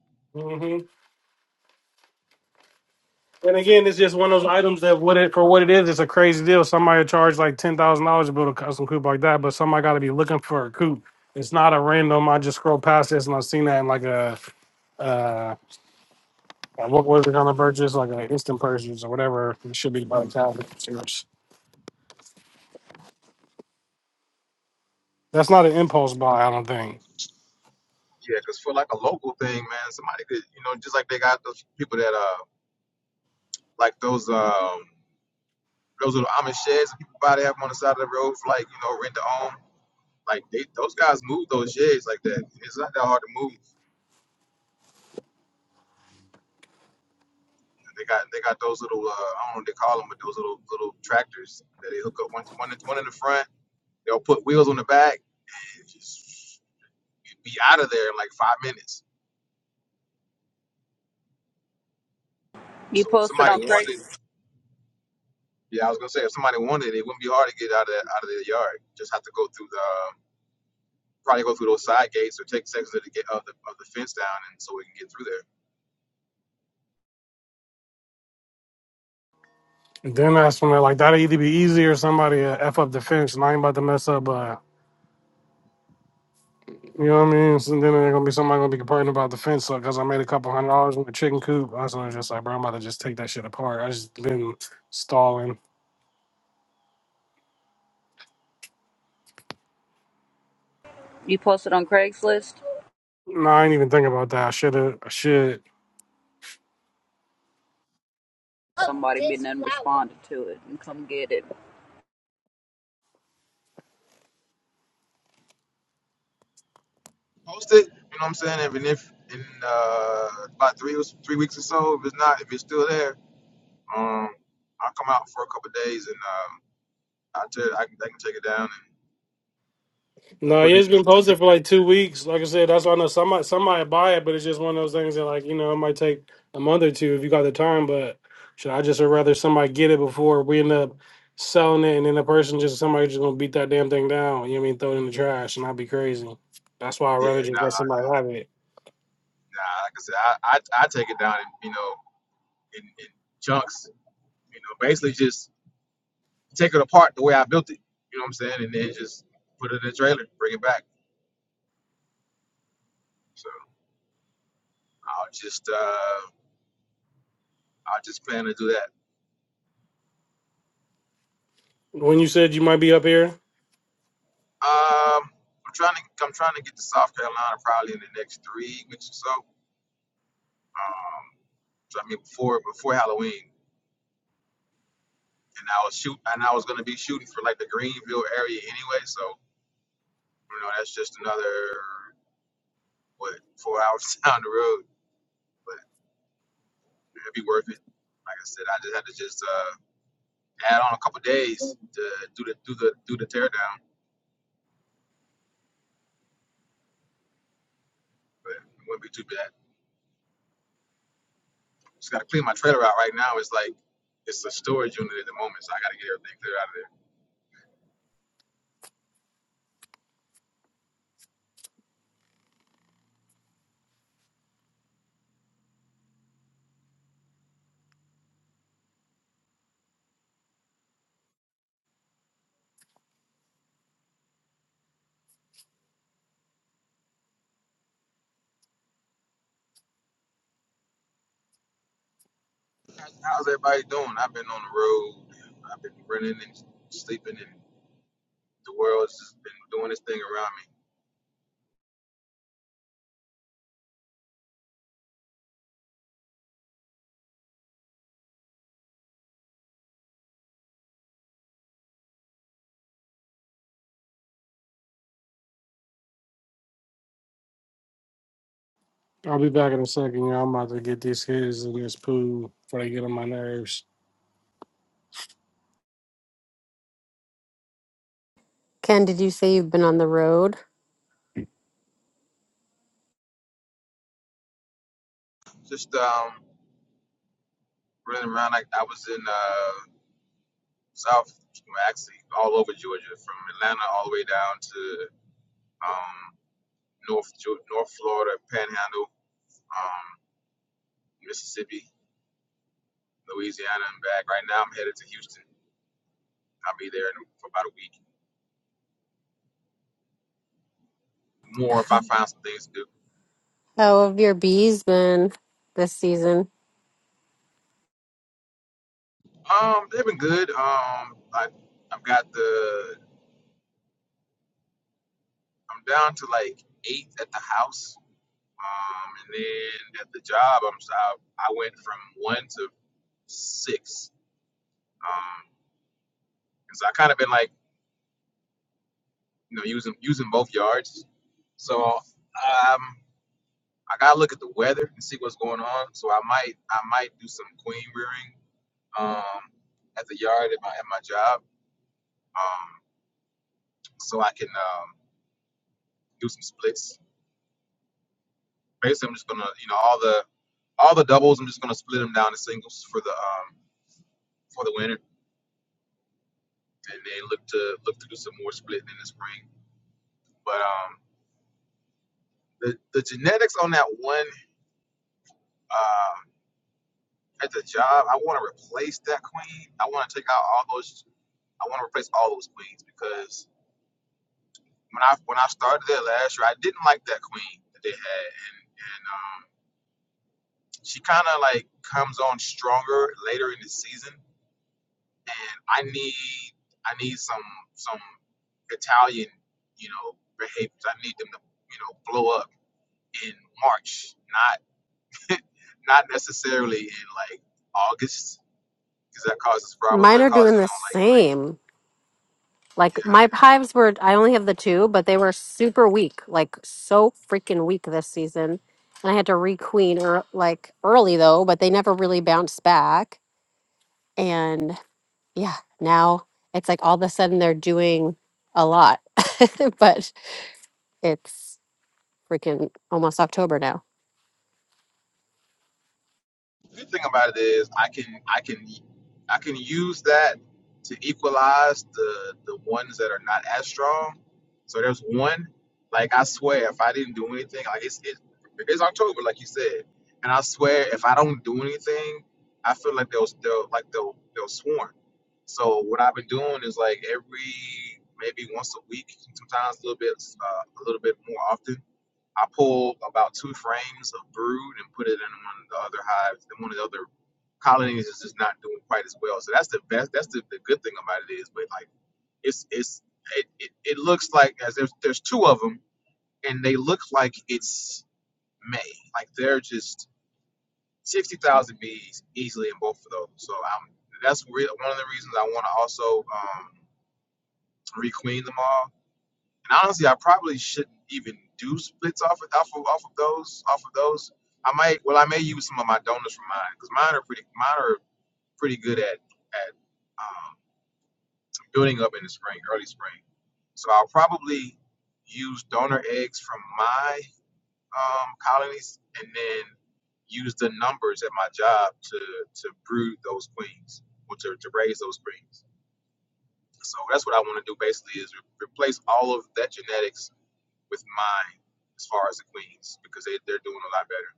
And again, it's just one of those items that what it for what it is. It's a crazy deal. Somebody charged like ten thousand dollars to build a custom coupe like that, but somebody got to be looking for a coupe. It's not a random. I just scroll past this and I've seen that in like a uh, uh, what was it on the purchase like an instant purchase or whatever. It should be by the time the consumers. That's not an impulse buy. I don't think.
Yeah, 'cause for like a local thing, man, somebody could you know just like they got those people that uh like those um those little Amish sheds that people buy they have 'em on the side of the road for like you know rent to own. Like they, those guys move those sheds like that. It's not that hard to move. They got they got those little uh, I don't know what they call them, but those little little tractors that they hook up one one in- one in the front. They'll put wheels on the back and it just you'd be out of there in like five minutes.
You
So if
posted
somebody
on
wanted,
Craigslist.
yeah, I was gonna say if somebody wanted, it wouldn't be hard to get out of that, out of the yard. Just have to go through the um, probably go through those side gates or take sections of the ga- of the, of the fence down, and so we can get through there.
And then that's when they're like that'll either be easy or somebody uh, f up the finish, and I ain't about to mess up. uh, You know what I mean? So then there's gonna be somebody gonna be complaining about the fence because I made a couple hundred dollars with a chicken coop. I was just like, bro, I'm about to just take that shit apart. I just been stalling.
You posted on Craigslist.
No, I ain't even think about that. I should have. I should.
Somebody been done responded to it and come get it.
Post it, you know what I'm saying? and if in uh, about three or s- three weeks or so, if it's not, if it's still there Um, I'll come out for a couple of days and um, I tell you, I can, I can take it down and
No,
put it
it's
in.
been
Take it,
posted for like two weeks. Like I said, that's why I know somebody somebody buy it, but it's just one of those things that like you know it might take a month or two if you got the time. But should I just would rather somebody get it before we end up selling it, and then the person just somebody just gonna beat that damn thing down. You know what I mean? Throw it in the trash, and I'd be crazy. That's why I'd
yeah,
rather
nah,
just let somebody have it.
nah. Like I said, I, I, I take it down and you know in, in chunks. You know, basically just take it apart the way I built it. You know what I'm saying? And then just put it in a trailer, bring it back. So I'll just uh, I'll just plan to do that.
When you said you might be up here,
Um, I'm trying to I'm trying to get to South Carolina probably in the next three weeks or so. Um, so I mean before before Halloween. and I was shoot and I was gonna be shooting for like the Greenville area anyway, so you know that's just another what four hours down the road, but it'd be worth it. Like I said, I just had to just uh, add on a couple days to do the do the do the teardown, but it wouldn't be too bad. Just gotta clean my trailer out right now. It's like it's a storage unit at the moment, so I gotta get everything cleared out of there. How's everybody doing? I've been on the road. I've been running and sleeping, and the world's just been doing its thing around me.
I'll be back in a second. You know, I'm about to get these kids in this pool before they get on my nerves.
Ken, did you say you've been on the road?
Just um, running around like I was in uh, South, well, actually all over Georgia, from Atlanta all the way down to um, North Geo- North Florida, Panhandle, um, Mississippi, Louisiana, and back. Right now, I'm headed to Houston. I'll be there in, for about a week. More if I find some things to do.
How have your bees been this season?
Um, they've been good. Um, I I've got the I'm down to like eight at the house. Um, and then at the job, I'm I, I went from one to six. Um. because I kind of been like you know using using both yards. So um, I gotta look at the weather and see what's going on. So I might I might do some queen rearing um, at the yard at my at my job, um, so I can um, do some splits. Basically, I'm just gonna you know all the all the doubles. I'm just gonna split them down to singles for the um, for the winter, and then look to look to do some more splitting in the spring. But um, the the genetics on that one. uh, at the job, I want to replace that queen. I want to take out all those. I want to replace all those queens because when I when I started there last year, I didn't like that queen that they had, and and um, she kind of like comes on stronger later in the season, and I need I need some some Italian, you know, behaviors. I need them to you know blow up in March, not not necessarily in like August because that causes problems.
Mine
That
are
causes
doing
you
the
know like
same. Like my hives were, I only have the two, but they were super weak, like so freaking weak this season. And I had to requeen or like early though, but they never really bounced back. And yeah, now it's like all of a sudden they're doing a lot, but it's freaking almost October now.
The good thing about it is, I can I can I can use that to equalize the the ones that are not as strong. So there's one, like I swear, if I didn't do anything, like it's it, it's October, like you said, and I swear if I don't do anything, I feel like they'll they'll like they'll they'll swarm. So what I've been doing is like every maybe once a week, sometimes a little bit uh, a little bit more often. I pulled about two frames of brood and put it in one of the other hives. And one of the other colonies is just not doing quite as well. So that's the best. That's the, the good thing about it is, but like it's it's it, it, it looks like as there's there's two of them and they look like it's May. Like they're just sixty thousand bees easily in both of those. So I'm that's re- one of the reasons I want to also um, requeen them all And honestly, I probably shouldn't even do splits off of off of, off of those off of those. I might well I may use some of my donors from mine because mine are pretty mine are pretty good at at um, building up in the spring, early spring. So I'll probably use donor eggs from my um, colonies and then use the numbers at my job to to brood those queens or to, to raise those queens. So that's what I want to do basically is re- replace all of that genetics with mine as far as the Queens because they, they're doing a lot better.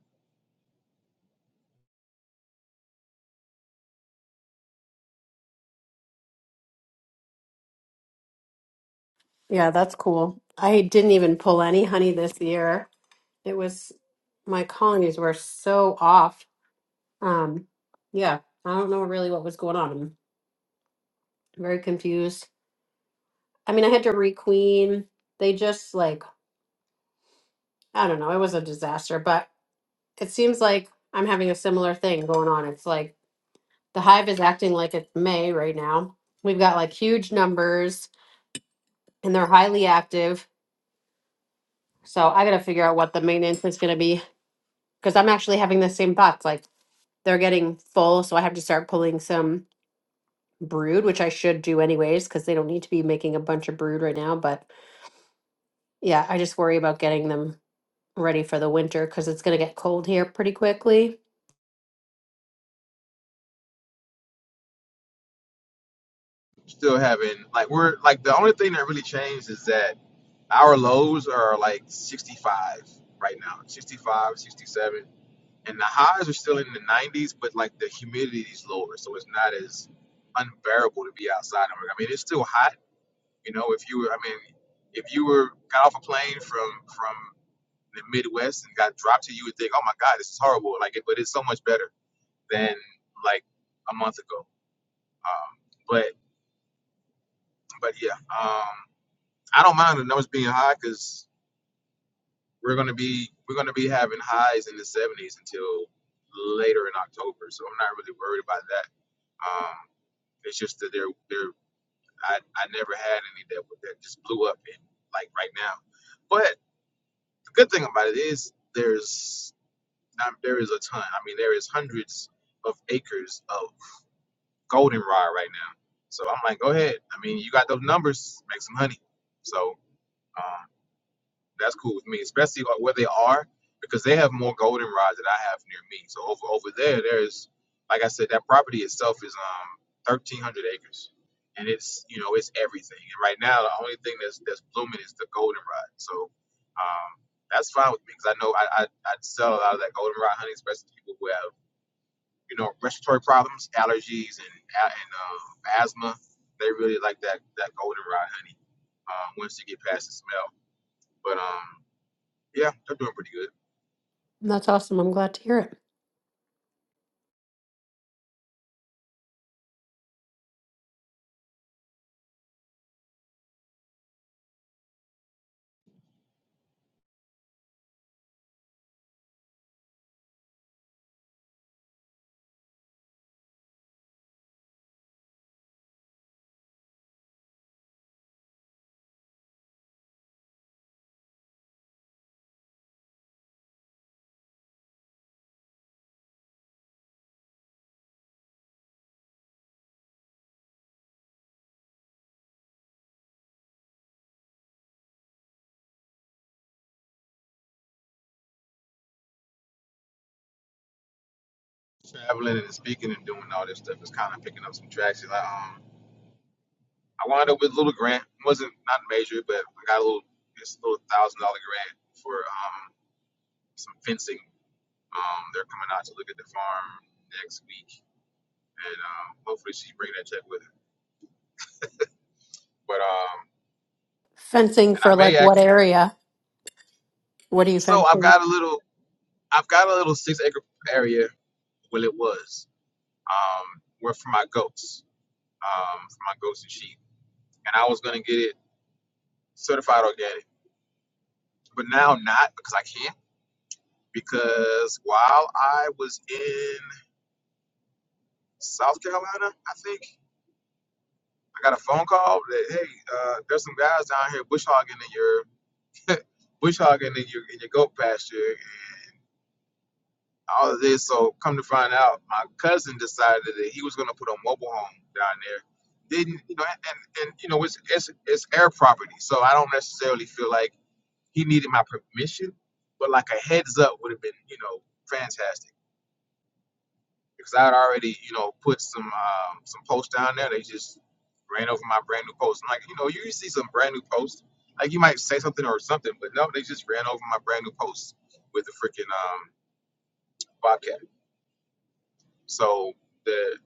Yeah, that's cool. I didn't even pull any honey this year. It was my colonies were so off. Um, yeah, I don't know really what was going on. very confused. I mean, I had to requeen. They just like, I don't know, it was a disaster, but it seems like I'm having a similar thing going on. It's like the hive is acting like it's May right now. We've got like huge numbers and they're highly active. So I got to figure out what the maintenance is going to be because I'm actually having the same thoughts. Like they're getting full. So I have to start pulling some brood, which I should do anyways because they don't need to be making a bunch of brood right now. But yeah, I just worry about getting them ready for the winter because it's going to get cold here pretty quickly.
Still having like we're like the only thing that really changed is that our lows are like 65 right now, 65, 67, and the highs are still in the 90s, but like the humidity is lower, so it's not as unbearable to be outside. I mean, it's still hot, you know. If you were, I mean, if you were got off a plane from from the Midwest and got dropped to you, you would think, oh my God, this is horrible. Like, it, but it's so much better than like a month ago. Um, but but yeah, um, I don't mind the numbers being high because we're gonna be we're gonna be having highs in the 70s until later in October. So I'm not really worried about that. Um, it's just that they're they're I, I never had any that that just blew up in like right now. But the good thing about it is there's um, there is a ton. I mean, there is hundreds of acres of goldenrod right now. So I'm like, go ahead. I mean, you got those numbers, make some honey. So um, that's cool with me, especially like where they are because they have more goldenrods that I have near me. So over over there, there's like I said, that property itself is um 1,300 acres, and it's you know it's everything. And right now, the only thing that's that's blooming is the goldenrod. So um, that's fine with me because I know I, I I'd sell a lot of that goldenrod honey, especially to people who have you know, respiratory problems, allergies, and a- and uh, asthma. They really like that that goldenrod honey. Um, once you get past the smell, but um, yeah, they're doing pretty good.
And That's awesome. I'm glad to hear it.
Traveling and speaking and doing all this stuff is kind of picking up some traction. I, um, I wound up with a little grant. wasn't not major, but I got a little this little thousand dollar grant for um some fencing. Um, they're coming out to look at the farm next week, and um, hopefully she bring that check with her. But um,
Fencing
and I
for like
may
what
act.
area? What are you
So I've
fencing?
got a little. I've got a little six acre area. Well, it was um, were for my goats, um, for my goats and sheep, and I was gonna get it certified organic, but now not because I can't. Because while I was in South Carolina, I think I got a phone call that hey, uh, there's some guys down here bush hogging in your bush hogging in your in your goat pasture, all of this. So come to find out, my cousin decided that he was going to put a mobile home down there. Didn't you know? And, and you know, it's, it's it's air property, so I don't necessarily feel like he needed my permission, but like a heads up would have been you know fantastic because I had already you know put some um, some posts down there. They just ran over my brand new post. I'm like, you know, you see some brand new posts. Like you might say something or something, but no, they just ran over my brand new post with the freaking um, bobcat. So the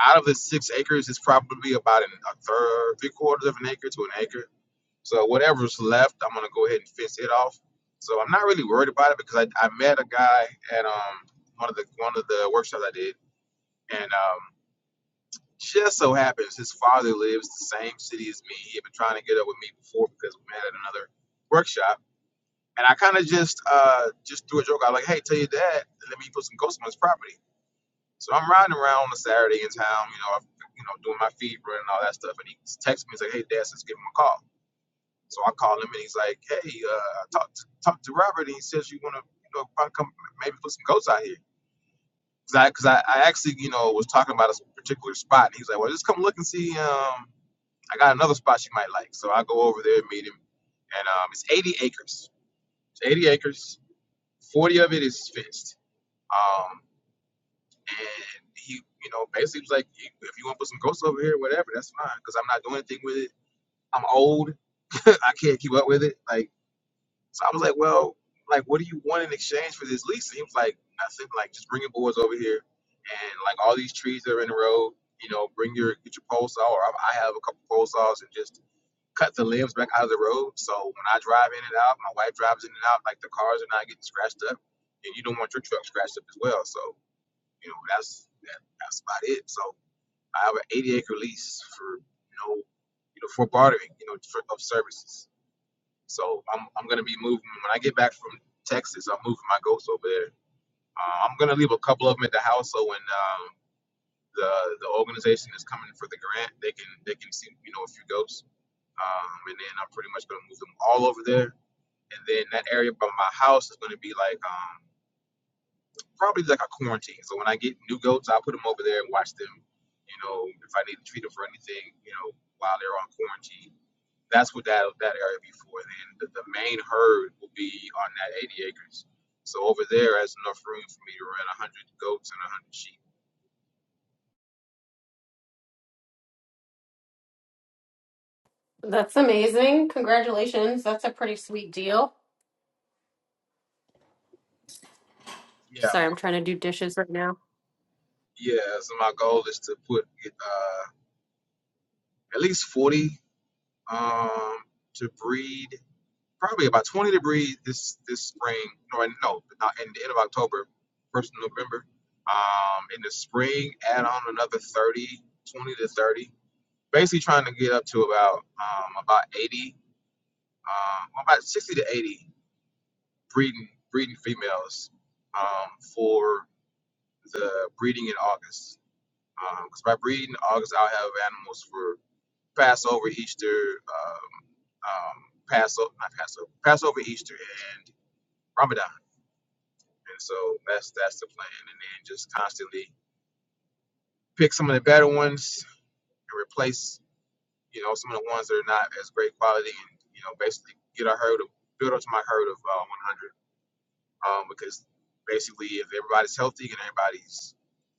out of the six acres, it's probably about an, a third, three quarters of an acre to an acre. So whatever's left, I'm gonna go ahead and fence it off. So I'm not really worried about it because I, I met a guy at um one of the one of the workshops I did, and um just so happens his father lives the same city as me. He had been trying to get up with me before because we met at another workshop, and I kind of just uh just threw a joke out like, "Hey, tell your dad, let me put some ghosts on his property." So I'm riding around on a Saturday in town, you know, I, you know, doing my fever and all that stuff. And he texts me, he's like, "Hey, Dad, let's give him a call." So I call him, and he's like, "Hey, uh, I talked to, talked to Robert, and he says you want to, you know, probably come maybe put some goats out here." Cause I, cause I, I actually, you know, was talking about a particular spot, and he's like, "Well, just come look and see. Um, I got another spot you might like." So I go over there and meet him, and um, it's 80 acres. It's 80 acres. 40 of it is fenced. Um. And he, you know, basically was like, if you want to put some ghosts over here, whatever, that's fine, because I'm not doing anything with it. I'm old. I can't keep up with it. Like, so I was like, well, like, what do you want in exchange for this lease? And he was like, nothing. Like, just bring your boards over here, and like all these trees that are in the road. You know, bring your get your pole saw, or I I have a couple pole saws, and just cut the limbs back out of the road. So when I drive in and out, my wife drives in and out. Like the cars are not getting scratched up, and you don't want your truck scratched up as well. So you know, that's that, that's about it. So I have an 80 acre lease for you know, you know, for bartering, you know, for, of services. So I'm I'm gonna be moving when I get back from Texas. I'm moving my goats over there. Uh, I'm gonna leave a couple of them at the house so when um, the the organization is coming for the grant, they can they can see you know a few goats. Um, and then I'm pretty much gonna move them all over there. And then that area by my house is gonna be like um probably like a quarantine. So when I get new goats, I'll put them over there and watch them. You know, if I need to treat them for anything, you know, while they're on quarantine, that's what that that area be for. Then the, the main herd will be on that 80 acres. So over there, has enough room for me to run 100 goats and 100 sheep.
That's amazing. Congratulations. That's a pretty sweet deal.
Yeah,
Sorry, I'm trying to do dishes right now.
yeah. So my goal is to put uh, at least 40 um, to breed probably about 20 degrees this this spring. No, no, not in the end of October, first of November. Um, in the spring, add on another 30, 20 to 30. Basically, trying to get up to about um, about 80, um, well, about 60 to 80 breeding breeding females um, for the breeding in August. Because by breeding in August, I'll have animals for Passover, Easter, um, um, Passover, not Passover, Passover, Easter, and Ramadan. And so that's that's the plan. And then just constantly pick some of the better ones and replace, you know, some of the ones that are not as great quality and, you know, basically get a herd of build up to my herd of uh, 100. Um, because basically if everybody's healthy and everybody's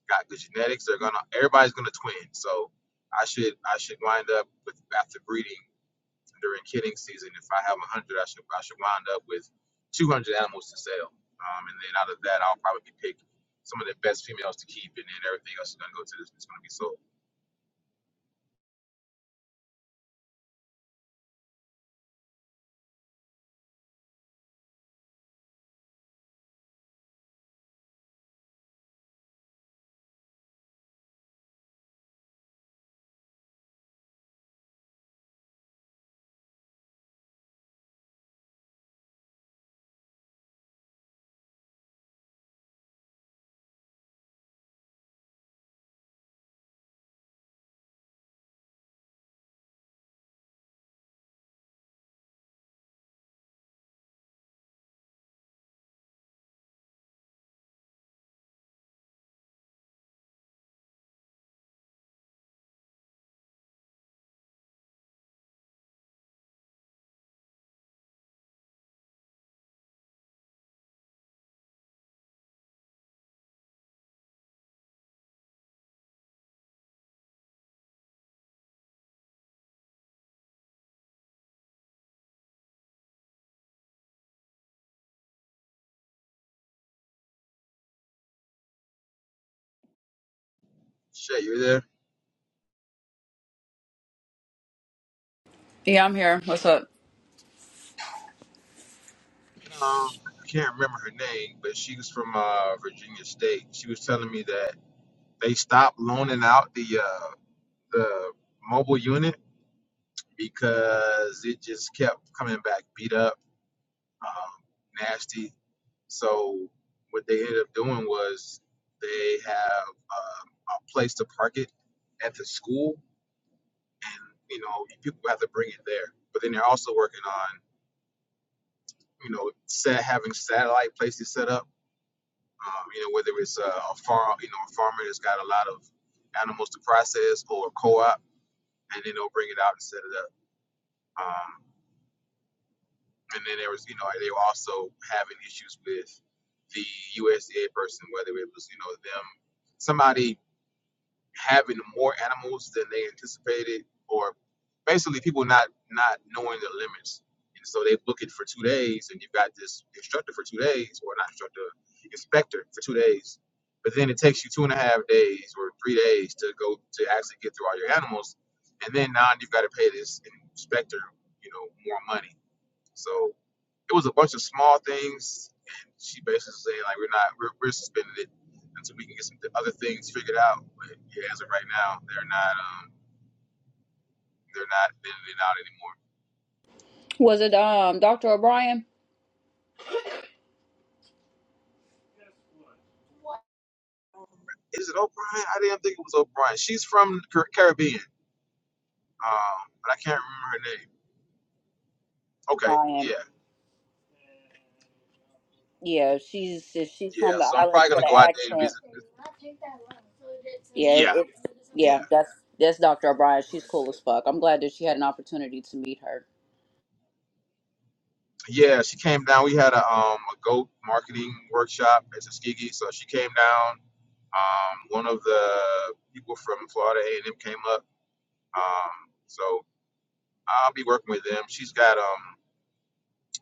got good genetics, they're gonna everybody's gonna twin. So I should I should wind up with after breeding. during kidding season, if I have 100, I should I should wind up with 200 animals to sell. Um, and then out of that, I'll probably pick some of the best females to keep, and then everything else is gonna go to this. It's gonna be sold. Shay, you are there?
Yeah, I'm here. What's up?
Um, I can't remember her name, but she was from uh, Virginia State. She was telling me that they stopped loaning out the uh, the mobile unit because it just kept coming back beat up um, nasty. So what they ended up doing was they have um, a place to park it at the school, and you know people have to bring it there. But then they're also working on you know set, having satellite places set up. Um, you know whether it's a, a farm, you know a farmer that's got a lot of animals to process, or a co-op, and then they'll bring it out and set it up. Um, and then there was you know they were also having issues with the USDA person, whether it was you know them somebody having more animals than they anticipated, or basically people not not knowing their limits, and so they book it for two days, and you've got this instructor for two days, or not instructor, inspector for two days, but then it takes you two and a half days or three days to go to actually get through all your animals, and then now you've got to pay this inspector you know more money, so. It was a bunch of small things, and she basically said like we're not we're, we're suspending it until we can get some th- other things figured out. But yeah, as of right now, they're not um they're not bending it out anymore.
Was it um Dr. O'Brien?
Is it O'Brien? I didn't think it was O'Brien. She's from Car- Caribbean, um, but I can't remember her name. Okay,
O'Brien.
yeah,
Yeah, she's if she's
yeah.
from the
So I'm
island
probably gonna
with an
go out there and
accent.
visit.
Yeah, it,
Yeah,
it
yeah.
yeah, that's that's Dr. O'Brien. She's cool as fuck. I'm glad that she had an opportunity to meet her.
yeah, she came down. We had a um a goat marketing workshop at Tuskegee, so she came down. Um, one of the people from Florida A and M came up. Um, so I'll be working with them. She's got um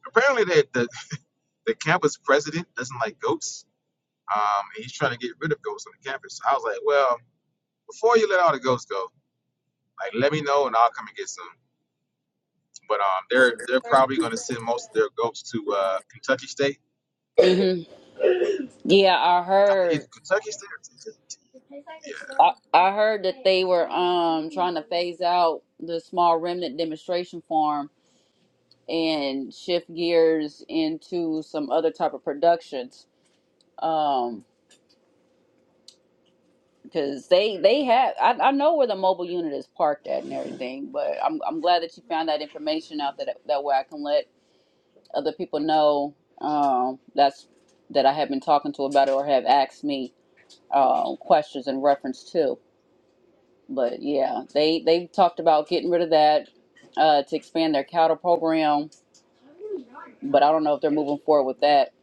apparently the the, the campus president doesn't like goats. Um, and he's trying to get rid of goats on the campus. I was like, well, before you let all the goats go, like let me know and I'll come and get some. But um, they're they're probably going to send most of their goats to uh, Kentucky State.
hmm Yeah, I
I think it's
heard
Kentucky State or Tennessee
I, I heard that they were um trying to phase out the small remnant demonstration farm and shift gears into some other type of productions. Um. because they they have I, I know where the mobile unit is parked at and everything but i'm, I'm glad that you found that information out that that way i can let other people know um, that's that i have been talking to about it or have asked me um, questions in reference to but yeah they they've talked about getting rid of that uh, to expand their cattle program but i don't know if they're moving forward with that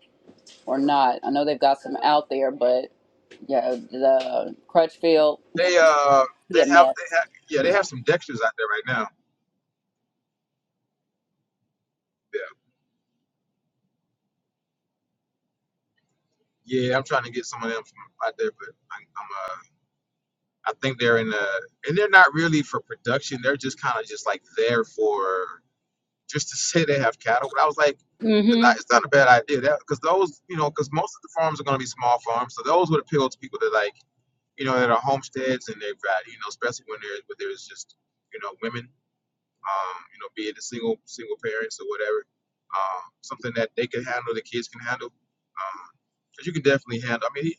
or not i know they've got some out there but yeah the crutchfield
They uh
he
they
a
have
mess
they have yeah they have some Dexters out there right now. Yeah, yeah. I'm trying to get some of them from out there, but I, I'm uh I think they're in uh and they're not really for production. They're just kind of just like there for just to say they have cattle. But I was like, they're not, it's not a bad idea that because those you know because most of the farms are going to be small farms, so those would appeal to people that like you know that are homesteads and they've got you know especially when there where there's just you know women. um, you know, be it the single single parents or whatever, um, something that they can handle, the kids can handle, because um, you can definitely handle. I mean, he,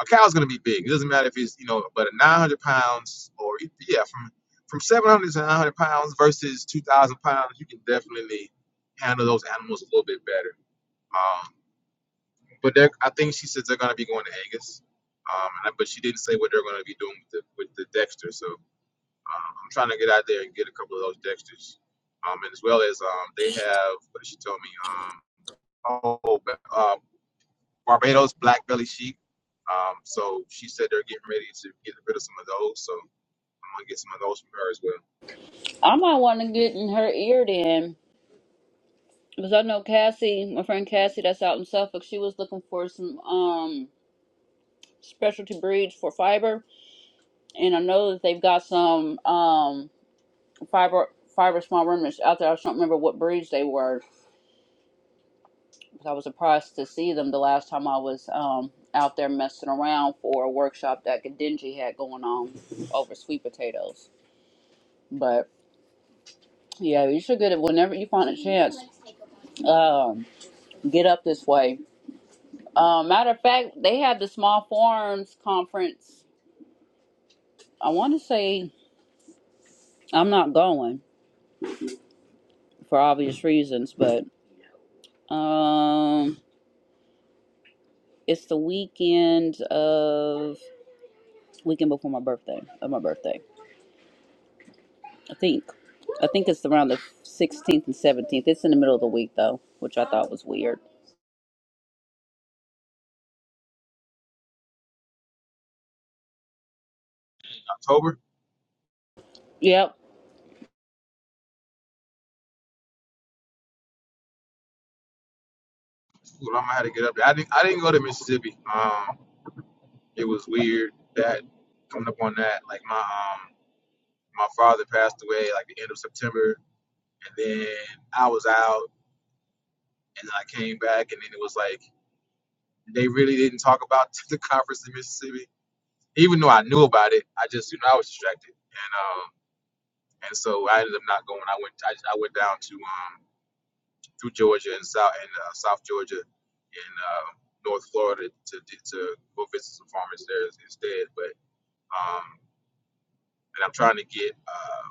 a cow's gonna be big. It doesn't matter if he's you know, but a 900 pounds or yeah, from from 700 to 900 pounds versus 2,000 pounds, you can definitely handle those animals a little bit better. Um, but they're, I think she says they're gonna be going to Angus, um, and I- but she didn't say what they're gonna be doing with the with the Dexter, so. Um, I'm trying to get out there and get a couple of those Dexters, um, and as well as um, they have what did she told me. Um, oh, uh, Barbados black belly sheep. Um, so she said they're getting ready to get rid of some of those. So I'm gonna get some of those from her as well.
I might want to get in her ear then, because I know Cassie, my friend Cassie, that's out in Suffolk. She was looking for some um specialty breeds for fiber, and I know that they've got some um fiber fiber small ruminants out there. I just don't remember what breeds they were, because I was surprised to see them the last time I was um out there messing around for a workshop that Gadinji had going on over sweet potatoes. But yeah, you should get it whenever you find a chance. Um, get up this way Uh, matter of fact, they have the small forums conference. I want to say I'm not going for obvious reasons, but um, it's the weekend of weekend before my birthday of my birthday. I think I think it's around the 16th and 17th. It's in the middle of the week though, which I thought was weird.
October.
Yep.
Ooh, I'm gonna have to get up there. I didn't. I didn't go to Mississippi. Um, it was weird that coming up on that. Like my um, my father passed away like the end of September, and then I was out, and then I came back, and then it was like They really didn't talk about the conference in Mississippi, even though I knew about it. I just, you know, I was distracted, and um, and so I ended up not going. I went, I, I went down to um through Georgia and South and uh, South Georgia and uh, North Florida to to go visit some farmers there instead. But um, and I'm trying to get um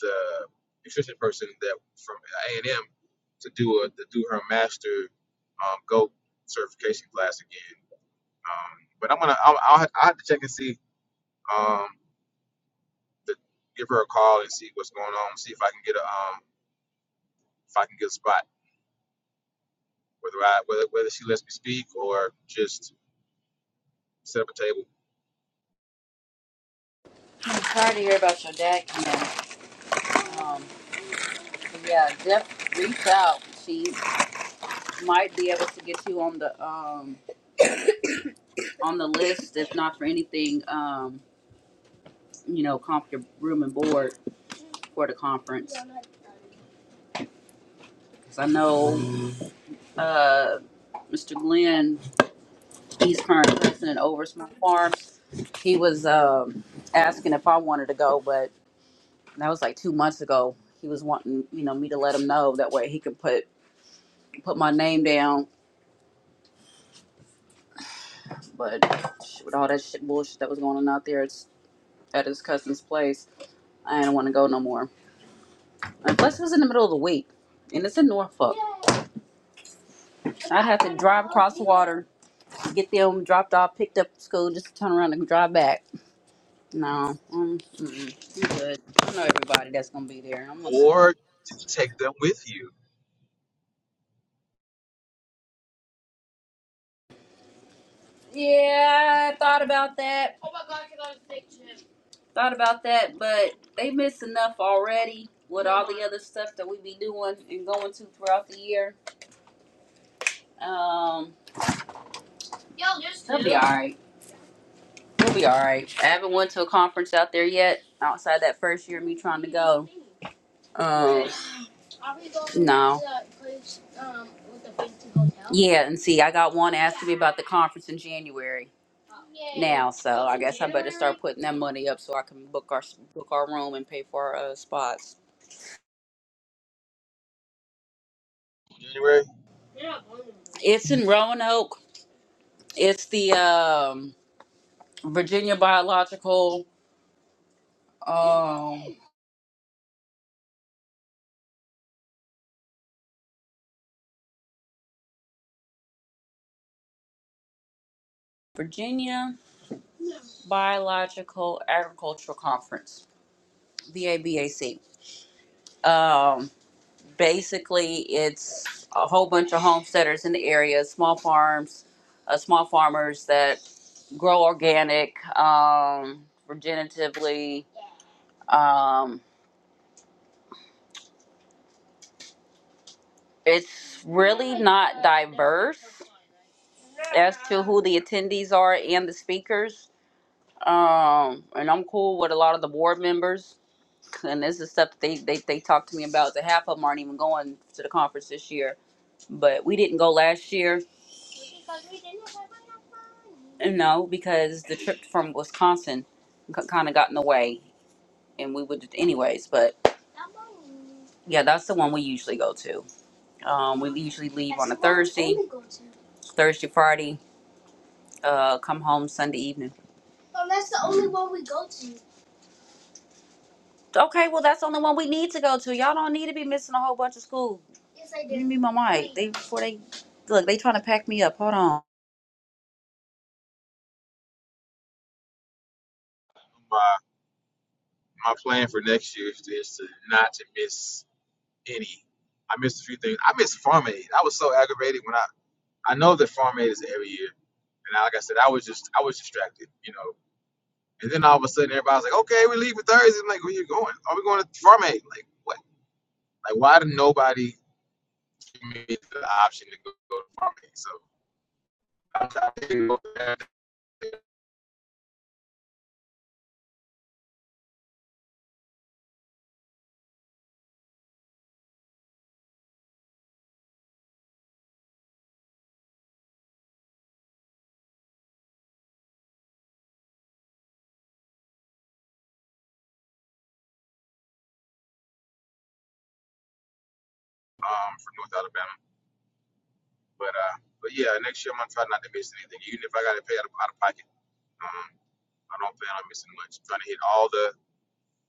the nutrition person that from A and M to do a to do her master um, goat certification class again Um, but I'm gonna I'll, I'll, I'll have to check and see. Um, the, give her a call and see what's going on. See if I can get a um if I can get a spot. Whether I whether whether she lets me speak or just set up a table
I'm sorry to hear about your dad, Kim. Um, but yeah, Jeff, reach out. She might be able to get you on the um on the list, if not for anything, um, you know, comp your room and board for the conference. Because I know uh, Mr. Glenn, he's current president over Smart Farms. He was um, asking if I wanted to go, but that was like two months ago. He was wanting, you know, me to let him know that way he could put put my name down. But with all that shit bullshit that was going on out there, it's at his cousin's place. I didn't want to go no more. Unless it was in the middle of the week, and it's in Norfolk. So I'd have to drive across the water, get them dropped off, picked up at school, just to turn around and drive back. No, um, mm-mm, I'm good. I know everybody that's gonna be there. I'm gonna see.
or to take them with you.
Yeah, I thought about that. Thought about that, but they miss enough already with all the other stuff that we be doing and going to throughout the year. Um, they'll be all right. They'll be all right. I haven't went to a conference out there yet. Outside that first year, of me trying to go. Um, no. Yeah, and see, I got one asking me about the conference in January now, so I guess I better start putting that money up so I can book our book our room and pay for our uh, spots.
January.
It's in Roanoke. It's the um, Virginia Biological um, Virginia Biological Agricultural Conference, VABAC. basically it's a whole bunch of homesteaders in the area small farms uh, small farmers that grow organic um, regeneratively um, it's really not diverse as to who the attendees are and the speakers um, and i'm cool with a lot of the board members and this is stuff that they, they, they talk to me about the half of them aren't even going to the conference this year but we didn't go last year No, because the trip from Wisconsin kind of got in the way, and we would anyways. But yeah, that's the one we usually go to. Um, we usually leave on a Thursday, Thursday, Friday, uh, come home Sunday evening. Okay, well that's the only one we need to go to. Y'all don't need to be missing a whole bunch of school. Yes, I do. Give me my mic. They before they look, they trying to pack me up. Hold on.
My my plan for next year is to is to not to miss any. I missed a few things. I missed Farm Aid. I was so aggravated when I I know that Farm Aid is every year and I, like I said, I was just I was distracted, you know. And then all of a sudden, everybody's like, "Okay, we leave for Thursday." I'm like, "Where you going? Are we going to Farm Aid? Like, what? Like, why did nobody give me the option to go, go to Farm Aid?" So I'm go back, um, from North Alabama, but uh, but yeah, next year I'm gonna try not to miss anything, even if I gotta pay out of, out of pocket. Um, I don't plan on missing much. I'm trying to hit all the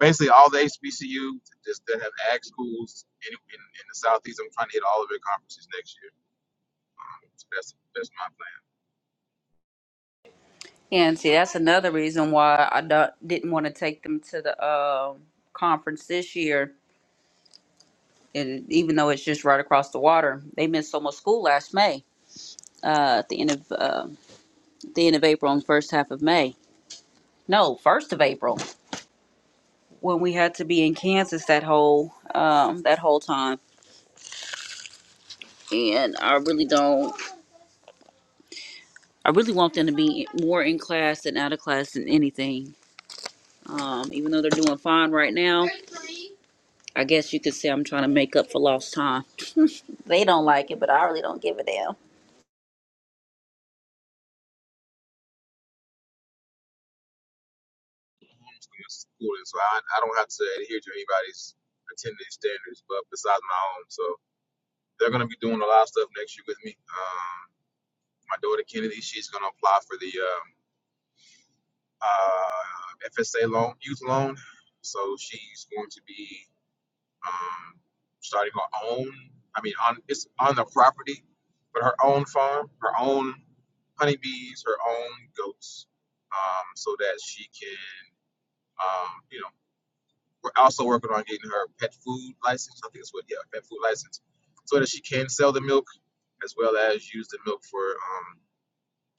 basically all the HBCU just that have ag schools in, in in the southeast. I'm trying to hit all of their conferences next year. Um, so that's that's my plan.
And see, that's another reason why I don't, didn't want to take them to the um conference this year and even though it's just right across the water, they missed so much school last May. Uh, at the end of uh, the end of April and first half of May. No, first of April when we had to be in Kansas that whole um, that whole time. And I really don't. I really want them to be more in class than out of class than anything. Um, even though they're doing fine right now, I guess you could say I'm trying to make up for lost time. They don't like it, but I really don't give a damn.
homeschooling schooling, so I, I don't have to adhere to anybody's attendance standards, but besides my own. So they're going to be doing a lot of stuff next year with me. Um, my daughter Kennedy, she's going to apply for the um, uh, FSA loan, youth loan. So she's going to be um, starting her own. I mean, on it's on the property, but her own farm, her own honeybees, her own goats, um, so that she can, um, you know We're also working on getting her pet food license. I think it's what, yeah, pet food license, so that she can sell the milk as well as use the milk for um,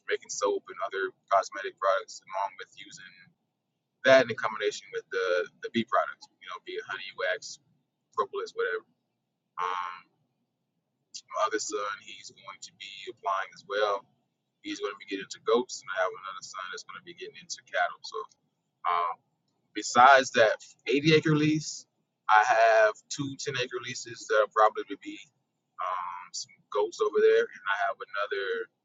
making soap and other cosmetic products, along with using that in combination with the the bee products. You know, be it honey, wax, propolis, whatever. Um, my other son, he's going to be applying as well. He's going to be getting into goats, and I have another son that's going to be getting into cattle. So. Um, Besides that 80 acre lease, I have two ten acre leases that will probably be um, some goats over there, and I have another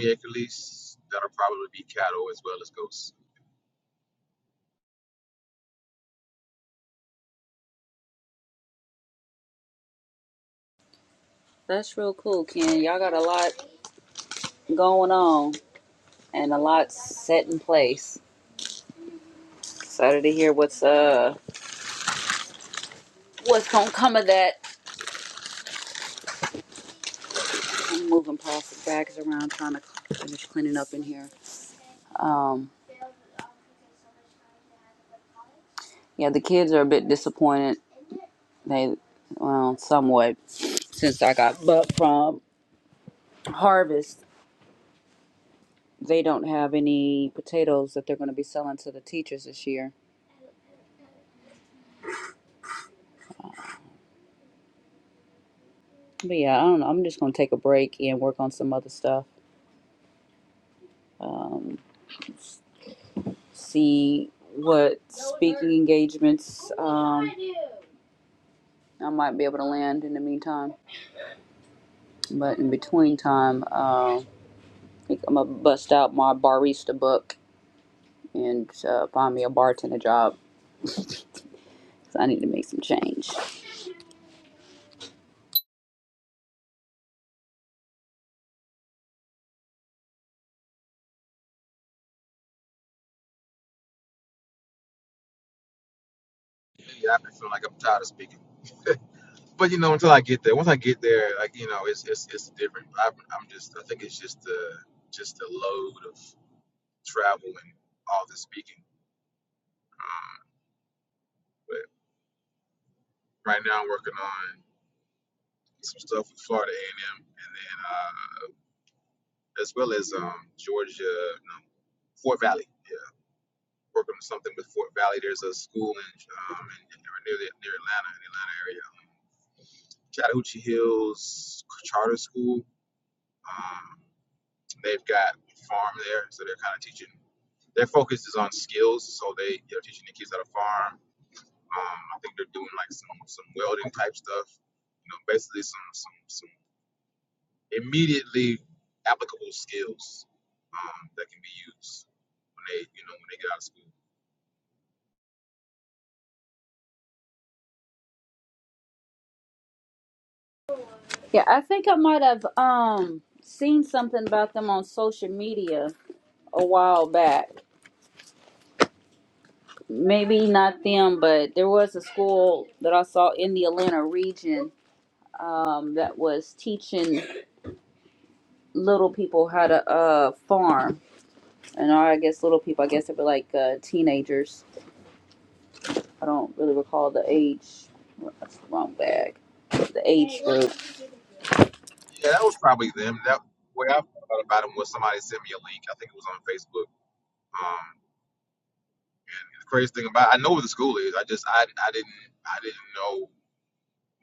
20 acre lease that'll probably be cattle as well as goats.
That's real cool, Ken. Y'all got a lot going on. and a lot set in place. Excited to hear what's uh what's gonna come of that. I'm moving plastic bags around, trying to finish cleaning up in here. Um, yeah, the kids are a bit disappointed. They, well, somewhat since I got buck from Harvest. They don't have any potatoes that they're going to be selling to the teachers this year. But yeah, I don't know. I'm just going to take a break and work on some other stuff. Um, see what speaking engagements um, I might be able to land in the meantime. But in between time, uh, I think I'm gonna bust out my barista book and uh, find me a bartender job. So I need to make some change.
Yeah, I've been feeling like I'm tired of speaking, but you know, until I get there, once I get there, like you know, it's it's it's different. I'm, I'm just, I think it's just the just the load of travel and all the speaking. Um, but right now, I'm working on some stuff with Florida A&M, and M, and then. uh, as well as um, Georgia, no, Fort Valley. Yeah, working on something with Fort Valley. There's a school in, um, in, in near the, near Atlanta, in the Atlanta area, Chattahoochee Hills Charter School. Um, they've got farm there, so they're kind of teaching. Their focus is on skills, so they they're teaching the kids how to farm. Um, I think they're doing like some some welding type stuff. You know, basically some some some immediately applicable skills um, that can be used when they you know when they get out of school.
Yeah, I think I might have um seen something about them on social media a while back. Maybe not them, but there was a school that I saw in the Atlanta region um, that was teaching little people how to uh, farm. And I guess little people, I guess they were like uh, teenagers I don't really recall the age. That's the wrong bag. The age group.
Yeah, that was probably them. That way I found out about them was somebody sent me a link. I think it was on Facebook. Um, and the crazy thing about I know where the school is. I just I, I didn't I didn't know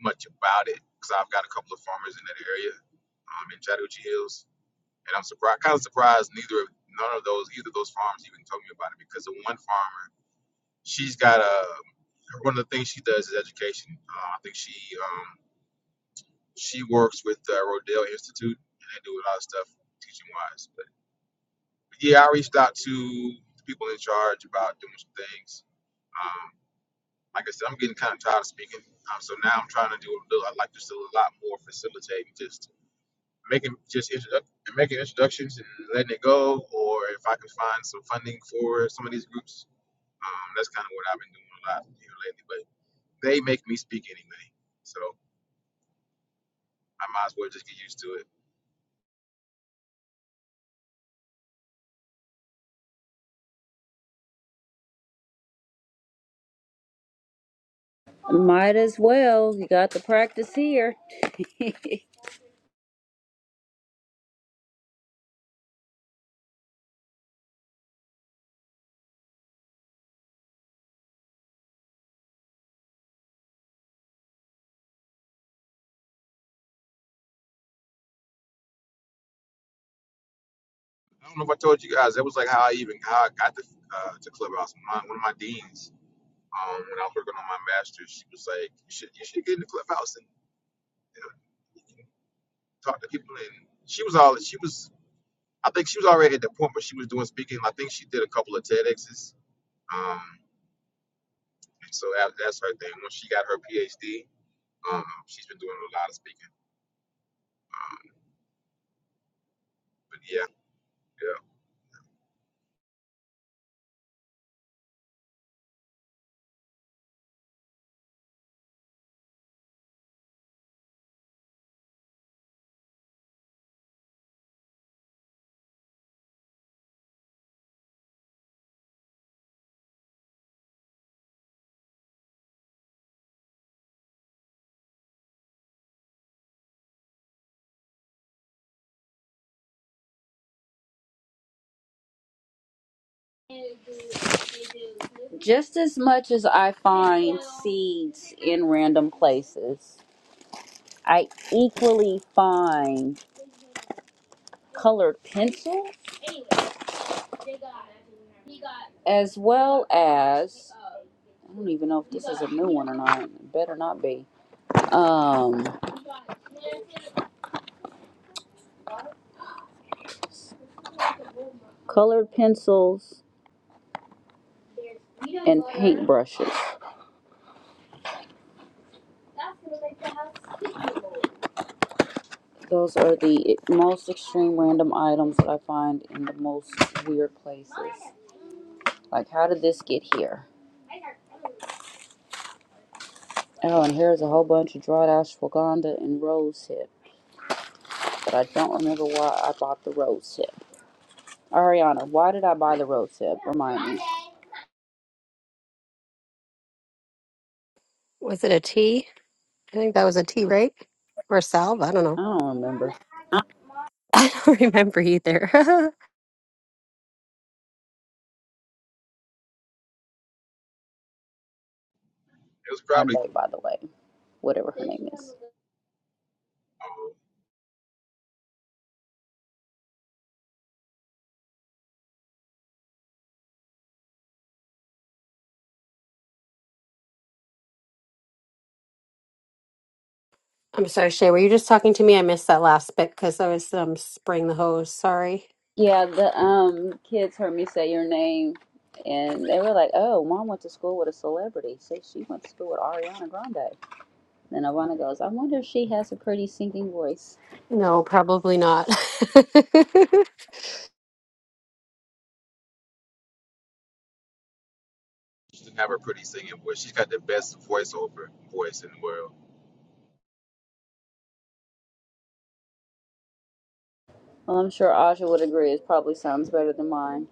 much about it because I've got a couple of farmers in that area, um, in Chattahoochee Hills, and I'm surprised kind of surprised neither of none of those either of those farms even told me about it because the one farmer she's got a one of the things she does is education. Uh, I think she um she works with uh, Rodale Institute and they do a lot of stuff teaching wise. yeah, I reached out to the people in charge about doing some things. Um, like I said, I'm getting kind of tired of speaking, um, so now I'm trying to do a little, I like just do a lot more facilitating, just making just introdu- making introductions and letting it go, or if I can find some funding for some of these groups, um, that's kind of what I've been doing a lot here lately. But they make me speak anyway, so I might as well just get used to it.
Might as well. You got the practice here.
I don't know if I told you guys that was like how I even how I got to uh, to Clubhouse. My, one of my deans Um, when I was working on my master's, she was like, "You should, you should get in the clubhouse and you know, you can talk to people." And she was all, she was, I think she was already at the point where she was doing speaking. I think she did a couple of TEDx's. Um, and so that, that's her thing. When she got her PhD, um, she's been doing a lot of speaking. Um, but yeah, yeah,
Just as much as I find seeds in random places, I equally find colored pencils as well as I don't even know if this is a new one or not. It better not be. Um, colored pencils and paintbrushes. Those are the most extreme random items that I find in the most weird places. Like, how did this get here? Oh, and here's a whole bunch of dried ashwagandha and rose hip, but I don't remember why I bought the rose hip. Ariana, why did I buy the rose hip? Remind me.
Was it a tea? I think that was a tea, right? Or a salve? I don't know.
I don't remember.
I don't remember either.
it was probably.
Monday, by the way, whatever her name is.
Um,
I'm sorry, Shay. Were you just talking to me? I missed that last bit because I was um spraying the hose. Sorry.
Yeah, the um kids heard me say your name, and they were like, "Oh, mom went to school with a celebrity." So she went to school with Ariana Grande. Then Ivana goes, I wonder if she has a pretty singing voice.
No, probably not.
she didn't have her pretty singing voice. She's got the best voiceover voice in the world.
Well, I'm sure Aja would agree. It probably sounds better than mine.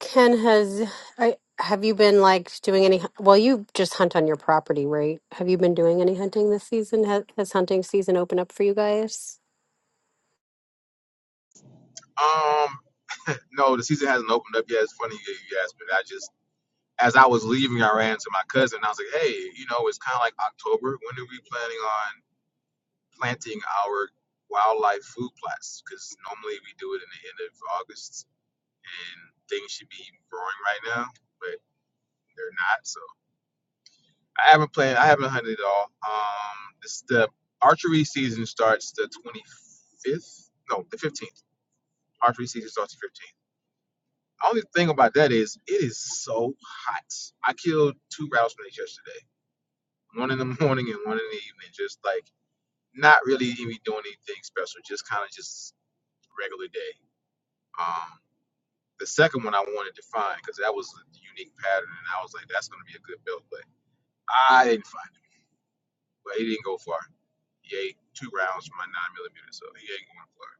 Ken, has I have you been like doing any? Well, you just hunt on your property, right? Have you been doing any hunting this season? Has, has hunting season opened up for you guys?
Um, no, the season hasn't opened up yet. It's funny you, you asked me. I just. as I was leaving, I ran to my cousin. I was like, "Hey, you know, it's kind of like October. When are we planning on planting our wildlife food plots? Because normally we do it in the end of August, and things should be growing right now, but they're not. So I haven't planned. I haven't hunted at all. Um, this the archery season starts the 25th. No, the 15th. Archery season starts the 15th. Only thing about that is it is so hot. I killed two rattlesnakes yesterday one in the morning and one in the evening, just like not really even doing anything special, just kind of just regular day. Um, the second one I wanted to find because that was a unique pattern, and I was like, that's going to be a good build, but I didn't find it. But he didn't go far. He ate two rounds from my nine millimeter, so he ain't going far.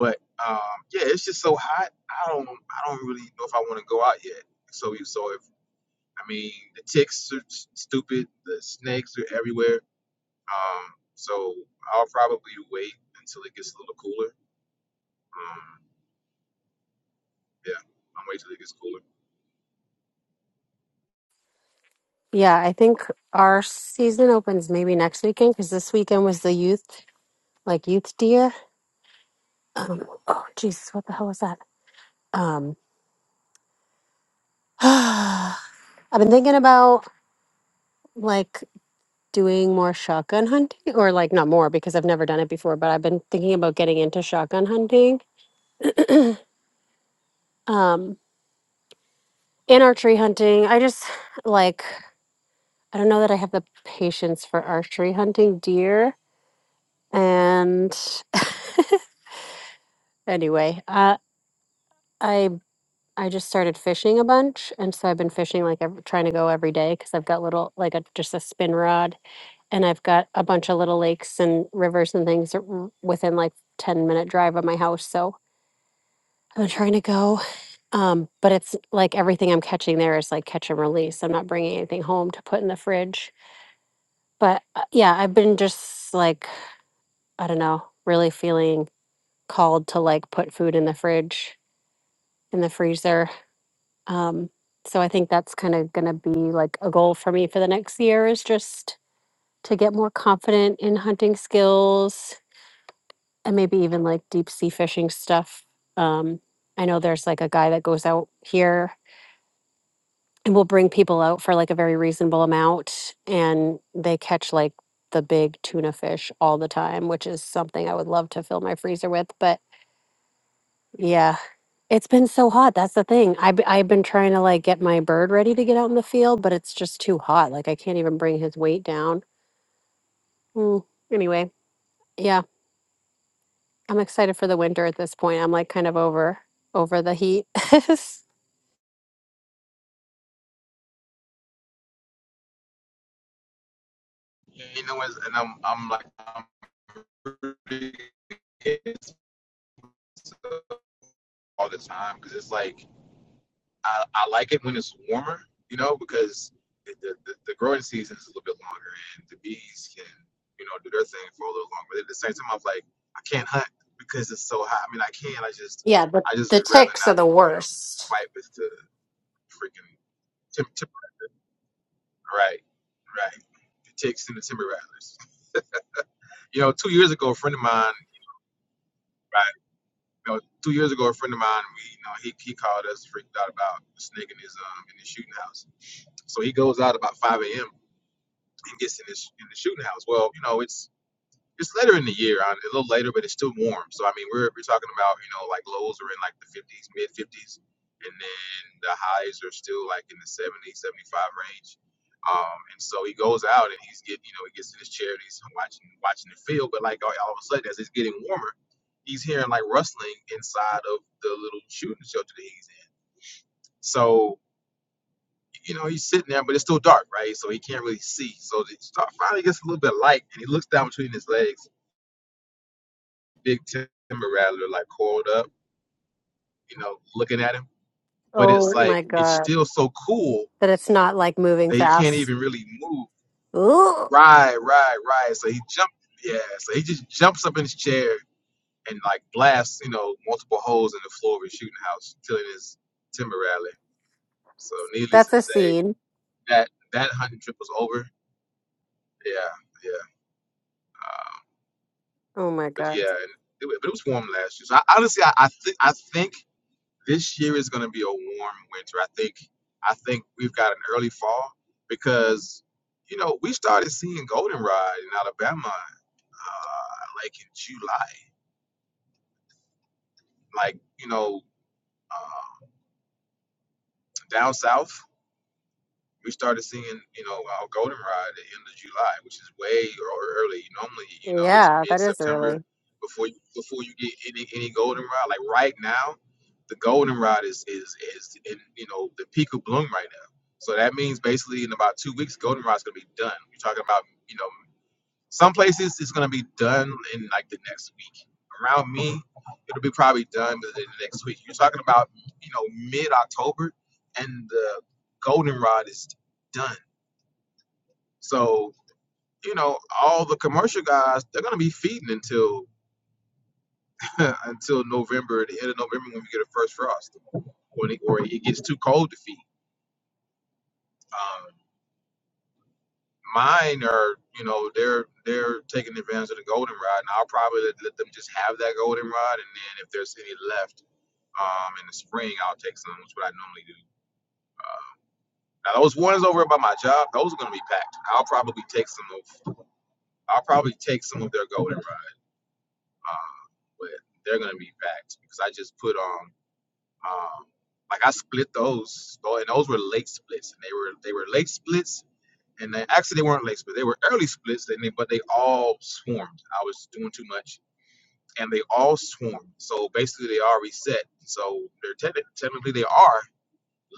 But um, yeah, it's just so hot. I don't, I don't really know if I want to go out yet. So, so if I mean, the ticks are s- stupid, the snakes are everywhere Um, so I'll probably wait until it gets a little cooler. Um, yeah, I'm wait till it gets cooler.
Yeah, I think our season opens maybe next weekend because this weekend was the youth, like youth deer. Um, oh, Jesus, what the hell was that? Um, I've been thinking about like doing more shotgun hunting, or like not more because I've never done it before, but I've been thinking about getting into shotgun hunting. Um, in archery hunting, I just like I don't know that I have the patience for archery hunting deer. And anyway, uh, I I just started fishing a bunch, and so I've been fishing like ev trying to go every day because I've got little like a just a spin rod, and I've got a bunch of little lakes and rivers and things that w- within like ten minute drive of my house. So I'm trying to go, um, but it's like everything I'm catching there is like catch and release. I'm not bringing anything home to put in the fridge but uh, yeah, I've been just like, I don't know, really feeling called to like put food in the fridge, in the freezer. Um, so I think that's kind of going to be like a goal for me for the next year is just to get more confident in hunting skills and maybe even like deep sea fishing stuff. Um, I know there's like a guy that goes out here we'll bring people out for like a very reasonable amount and they catch like the big tuna fish all the time which is something i would love to fill my freezer with but yeah it's been so hot that's the thing I've, b- I've been trying to like get my bird ready to get out in the field but it's just too hot like i can't even bring his weight down Mm, anyway yeah i'm excited for the winter at this point i'm like kind of over over the heat
Yeah, you know, and I'm I'm like I'm all the time because it's like I, I like it when it's warmer, you know, because the, the the the growing season is a little bit longer and the bees can you know do their thing for a little longer. But at the same time, I'm like I can't hunt because it's so hot. I mean, I can. I just
yeah but
I just
the
would rather
ticks are
not
the
you know
worst
fight with the freaking Tim, Tim, right, right. The Ticks and the Timber Rattlers. You know, two years ago, a friend of mine, right, you know, two years ago, a friend of mine, we, you know, he, he called us, freaked out about a snake in his, um, in his shooting house. So he goes out about 5 a.m. and gets in his, in the shooting house. Well, you know, it's It's later in the year, uh, a little later, but it's still warm. So I mean, we're we're talking about you know like lows are in like the 50s, mid 50s, and then the highs are still like in the 70s, 75 range. Um, and so he goes out and he's getting you know he gets to his chair and he's watching watching the field, but like all, all of a sudden as it's getting warmer, he's hearing like rustling inside of the little shooting shelter that he's in. So you know, he's sitting there, but it's still dark, right? So he can't really see. So it star finally gets a little bit of light, and he looks down between his legs, Big Timber Rattler like coiled up, you know, looking at him. But
oh
it's like
my
it's
god
still so cool
That it's not like moving
that he can't
fast.
even really move.
Ooh,
Right, right, right. So he jumped. Yeah. So he just jumps up in his chair and like blasts, you know, multiple holes in the floor of his shooting house, killing his Timber Rattler. So needless
that's
to
a
say,
scene.
that that hunting trip was over. Yeah, yeah. Um,
Oh my
but
gosh.
yeah, and it, wa- but it was warm last year. So I, honestly, I, I think I think this year is going to be a warm winter. I think I think we've got an early fall because you know we started seeing goldenrod in Alabama uh, like in July, like you know uh, down south. we started seeing, you know, our goldenrod at the end of July, which is way or early. Normally, you know, it's
Yeah,
mid
that is
September
early.
before you before you get any any goldenrod. Like right now, the goldenrod is is is in you know the peak of bloom right now. So that means basically in about two weeks, goldenrod's gonna be done. You're talking about you know some places it's gonna be done in like the next week. Around me, it'll be probably done within the next week. You're talking about you know mid October, and the goldenrod is done. So you know all the commercial guys they're gonna be feeding until until November, the end of November when we get a first frost, when it, or it gets too cold to feed. Um, Mine are, you know, they're they're taking advantage of the goldenrod, and I'll probably let, let them just have that goldenrod, and then if there's any left um, in the spring, I'll take some, which is what I normally do. Uh, now those ones over by my job, those are gonna be packed. I'll probably take some of, I'll probably take some of their goldenrod, uh, but they're gonna be packed because I just put on, um, like I split those, oh, and those were late splits, and they were they were late splits and they actually they weren't late splits. They were early splits, and they, but they all swarmed. I was doing too much, and they all swarmed. So basically, they are reset. So they're techni- technically they are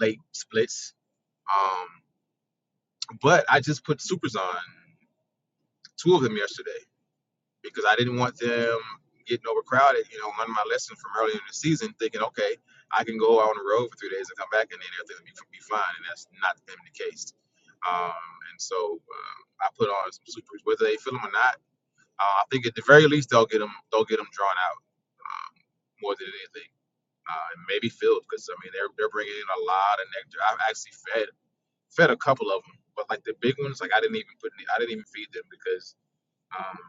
late splits. Um, but I just put supers on two of them yesterday because I didn't want them getting overcrowded. You know, learning my lesson from earlier in the season, thinking, okay, I can go out on the road for three days and come back, and then everything will be, be fine. And that's not been the case. Um, and so uh, I put on some supers, whether they feel them or not Uh, I think at the very least they'll get them they'll get them drawn out um, more than anything, uh, and maybe filled because I mean they're they're bringing in a lot of nectar. I've actually fed fed a couple of them, but like the big ones, like I didn't even put any, I didn't even feed them because um,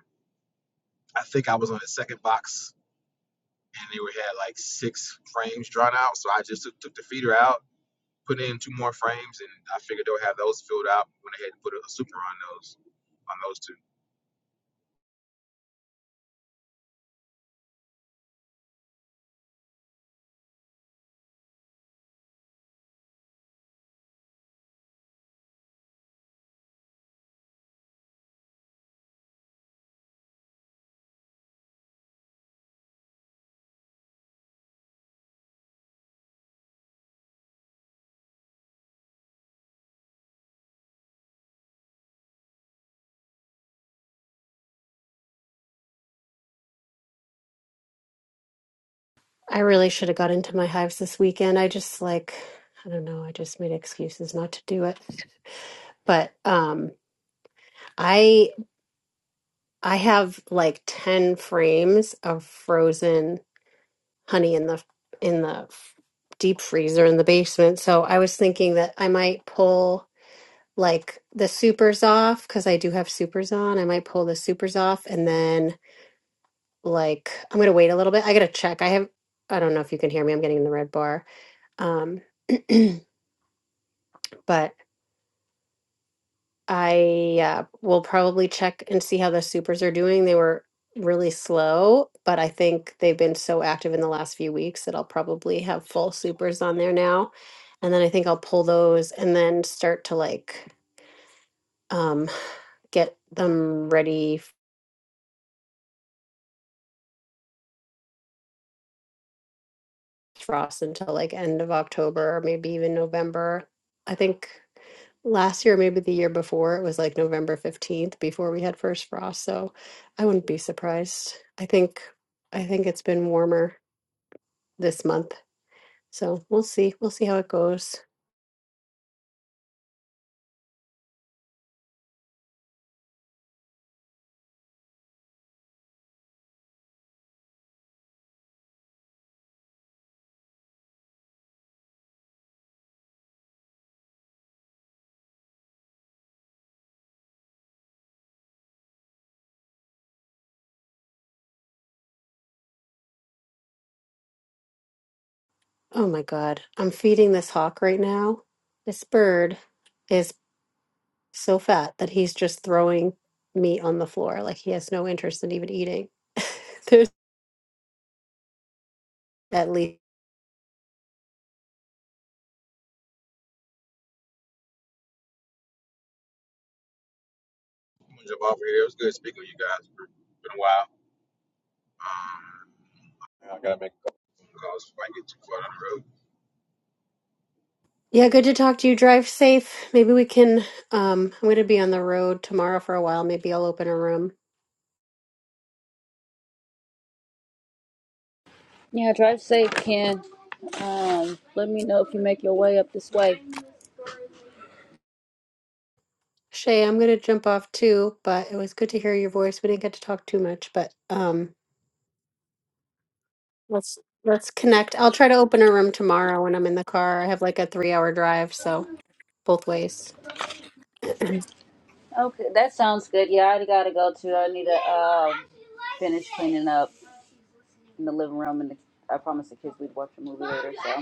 I think I was on the second box and they were had like six frames drawn out, so I just took, took the feeder out, put in two more frames, and I figured they'll have those filled out when they had to put a, a super on those on those two.
I really should have got into my hives this weekend. I just like, I don't know, I just made excuses not to do it. But um I I have like 10 frames of frozen honey in the in the f- deep freezer in the basement. So I was thinking that I might pull like the supers off because I do have supers on. I might pull the supers off and then like I'm gonna wait a little bit. I gotta check. I have I don't know if you can hear me. I'm getting in the red bar. Um, but I uh, will probably check and see how the supers are doing. They were really slow, but I think they've been so active in the last few weeks that I'll probably have full supers on there now. And then I think I'll pull those and then start to like um, get them ready frost until like end of October or maybe even November. I think last year, maybe the year before, it was like November 15th before we had first frost. So I wouldn't be surprised. I think I think it's been warmer this month. So we'll see. We'll see how it goes. Oh my God. I'm feeding this hawk right now. This bird is so fat that he's just throwing meat on the floor. Like he has no interest in even eating. There's at least
I'm gonna jump off here. It was good speaking with you guys. It's been a while. Um, I gotta make calls before I get too far down the road.
Yeah, good to talk to you. Drive safe. Maybe we can um I'm going to be on the road tomorrow for a while. Maybe I'll open a room.
Yeah, drive safe, Ken. Um, let me know if you make your way up this way.
Shay, I'm going to jump off too, but it was good to hear your voice. We didn't get to talk too much, but um let's let's connect. I'll try to open a room tomorrow when I'm in the car. I have like a 3-hour drive, so both ways.
Okay, that sounds good. Yeah, I already gotta go too. I need to um, finish cleaning up in the living room, and the, I promised the kids we'd watch a movie later. So,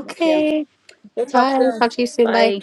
but yeah, we'll talk
Bye.
soon.
Talk to you soon. Bye.
Bye.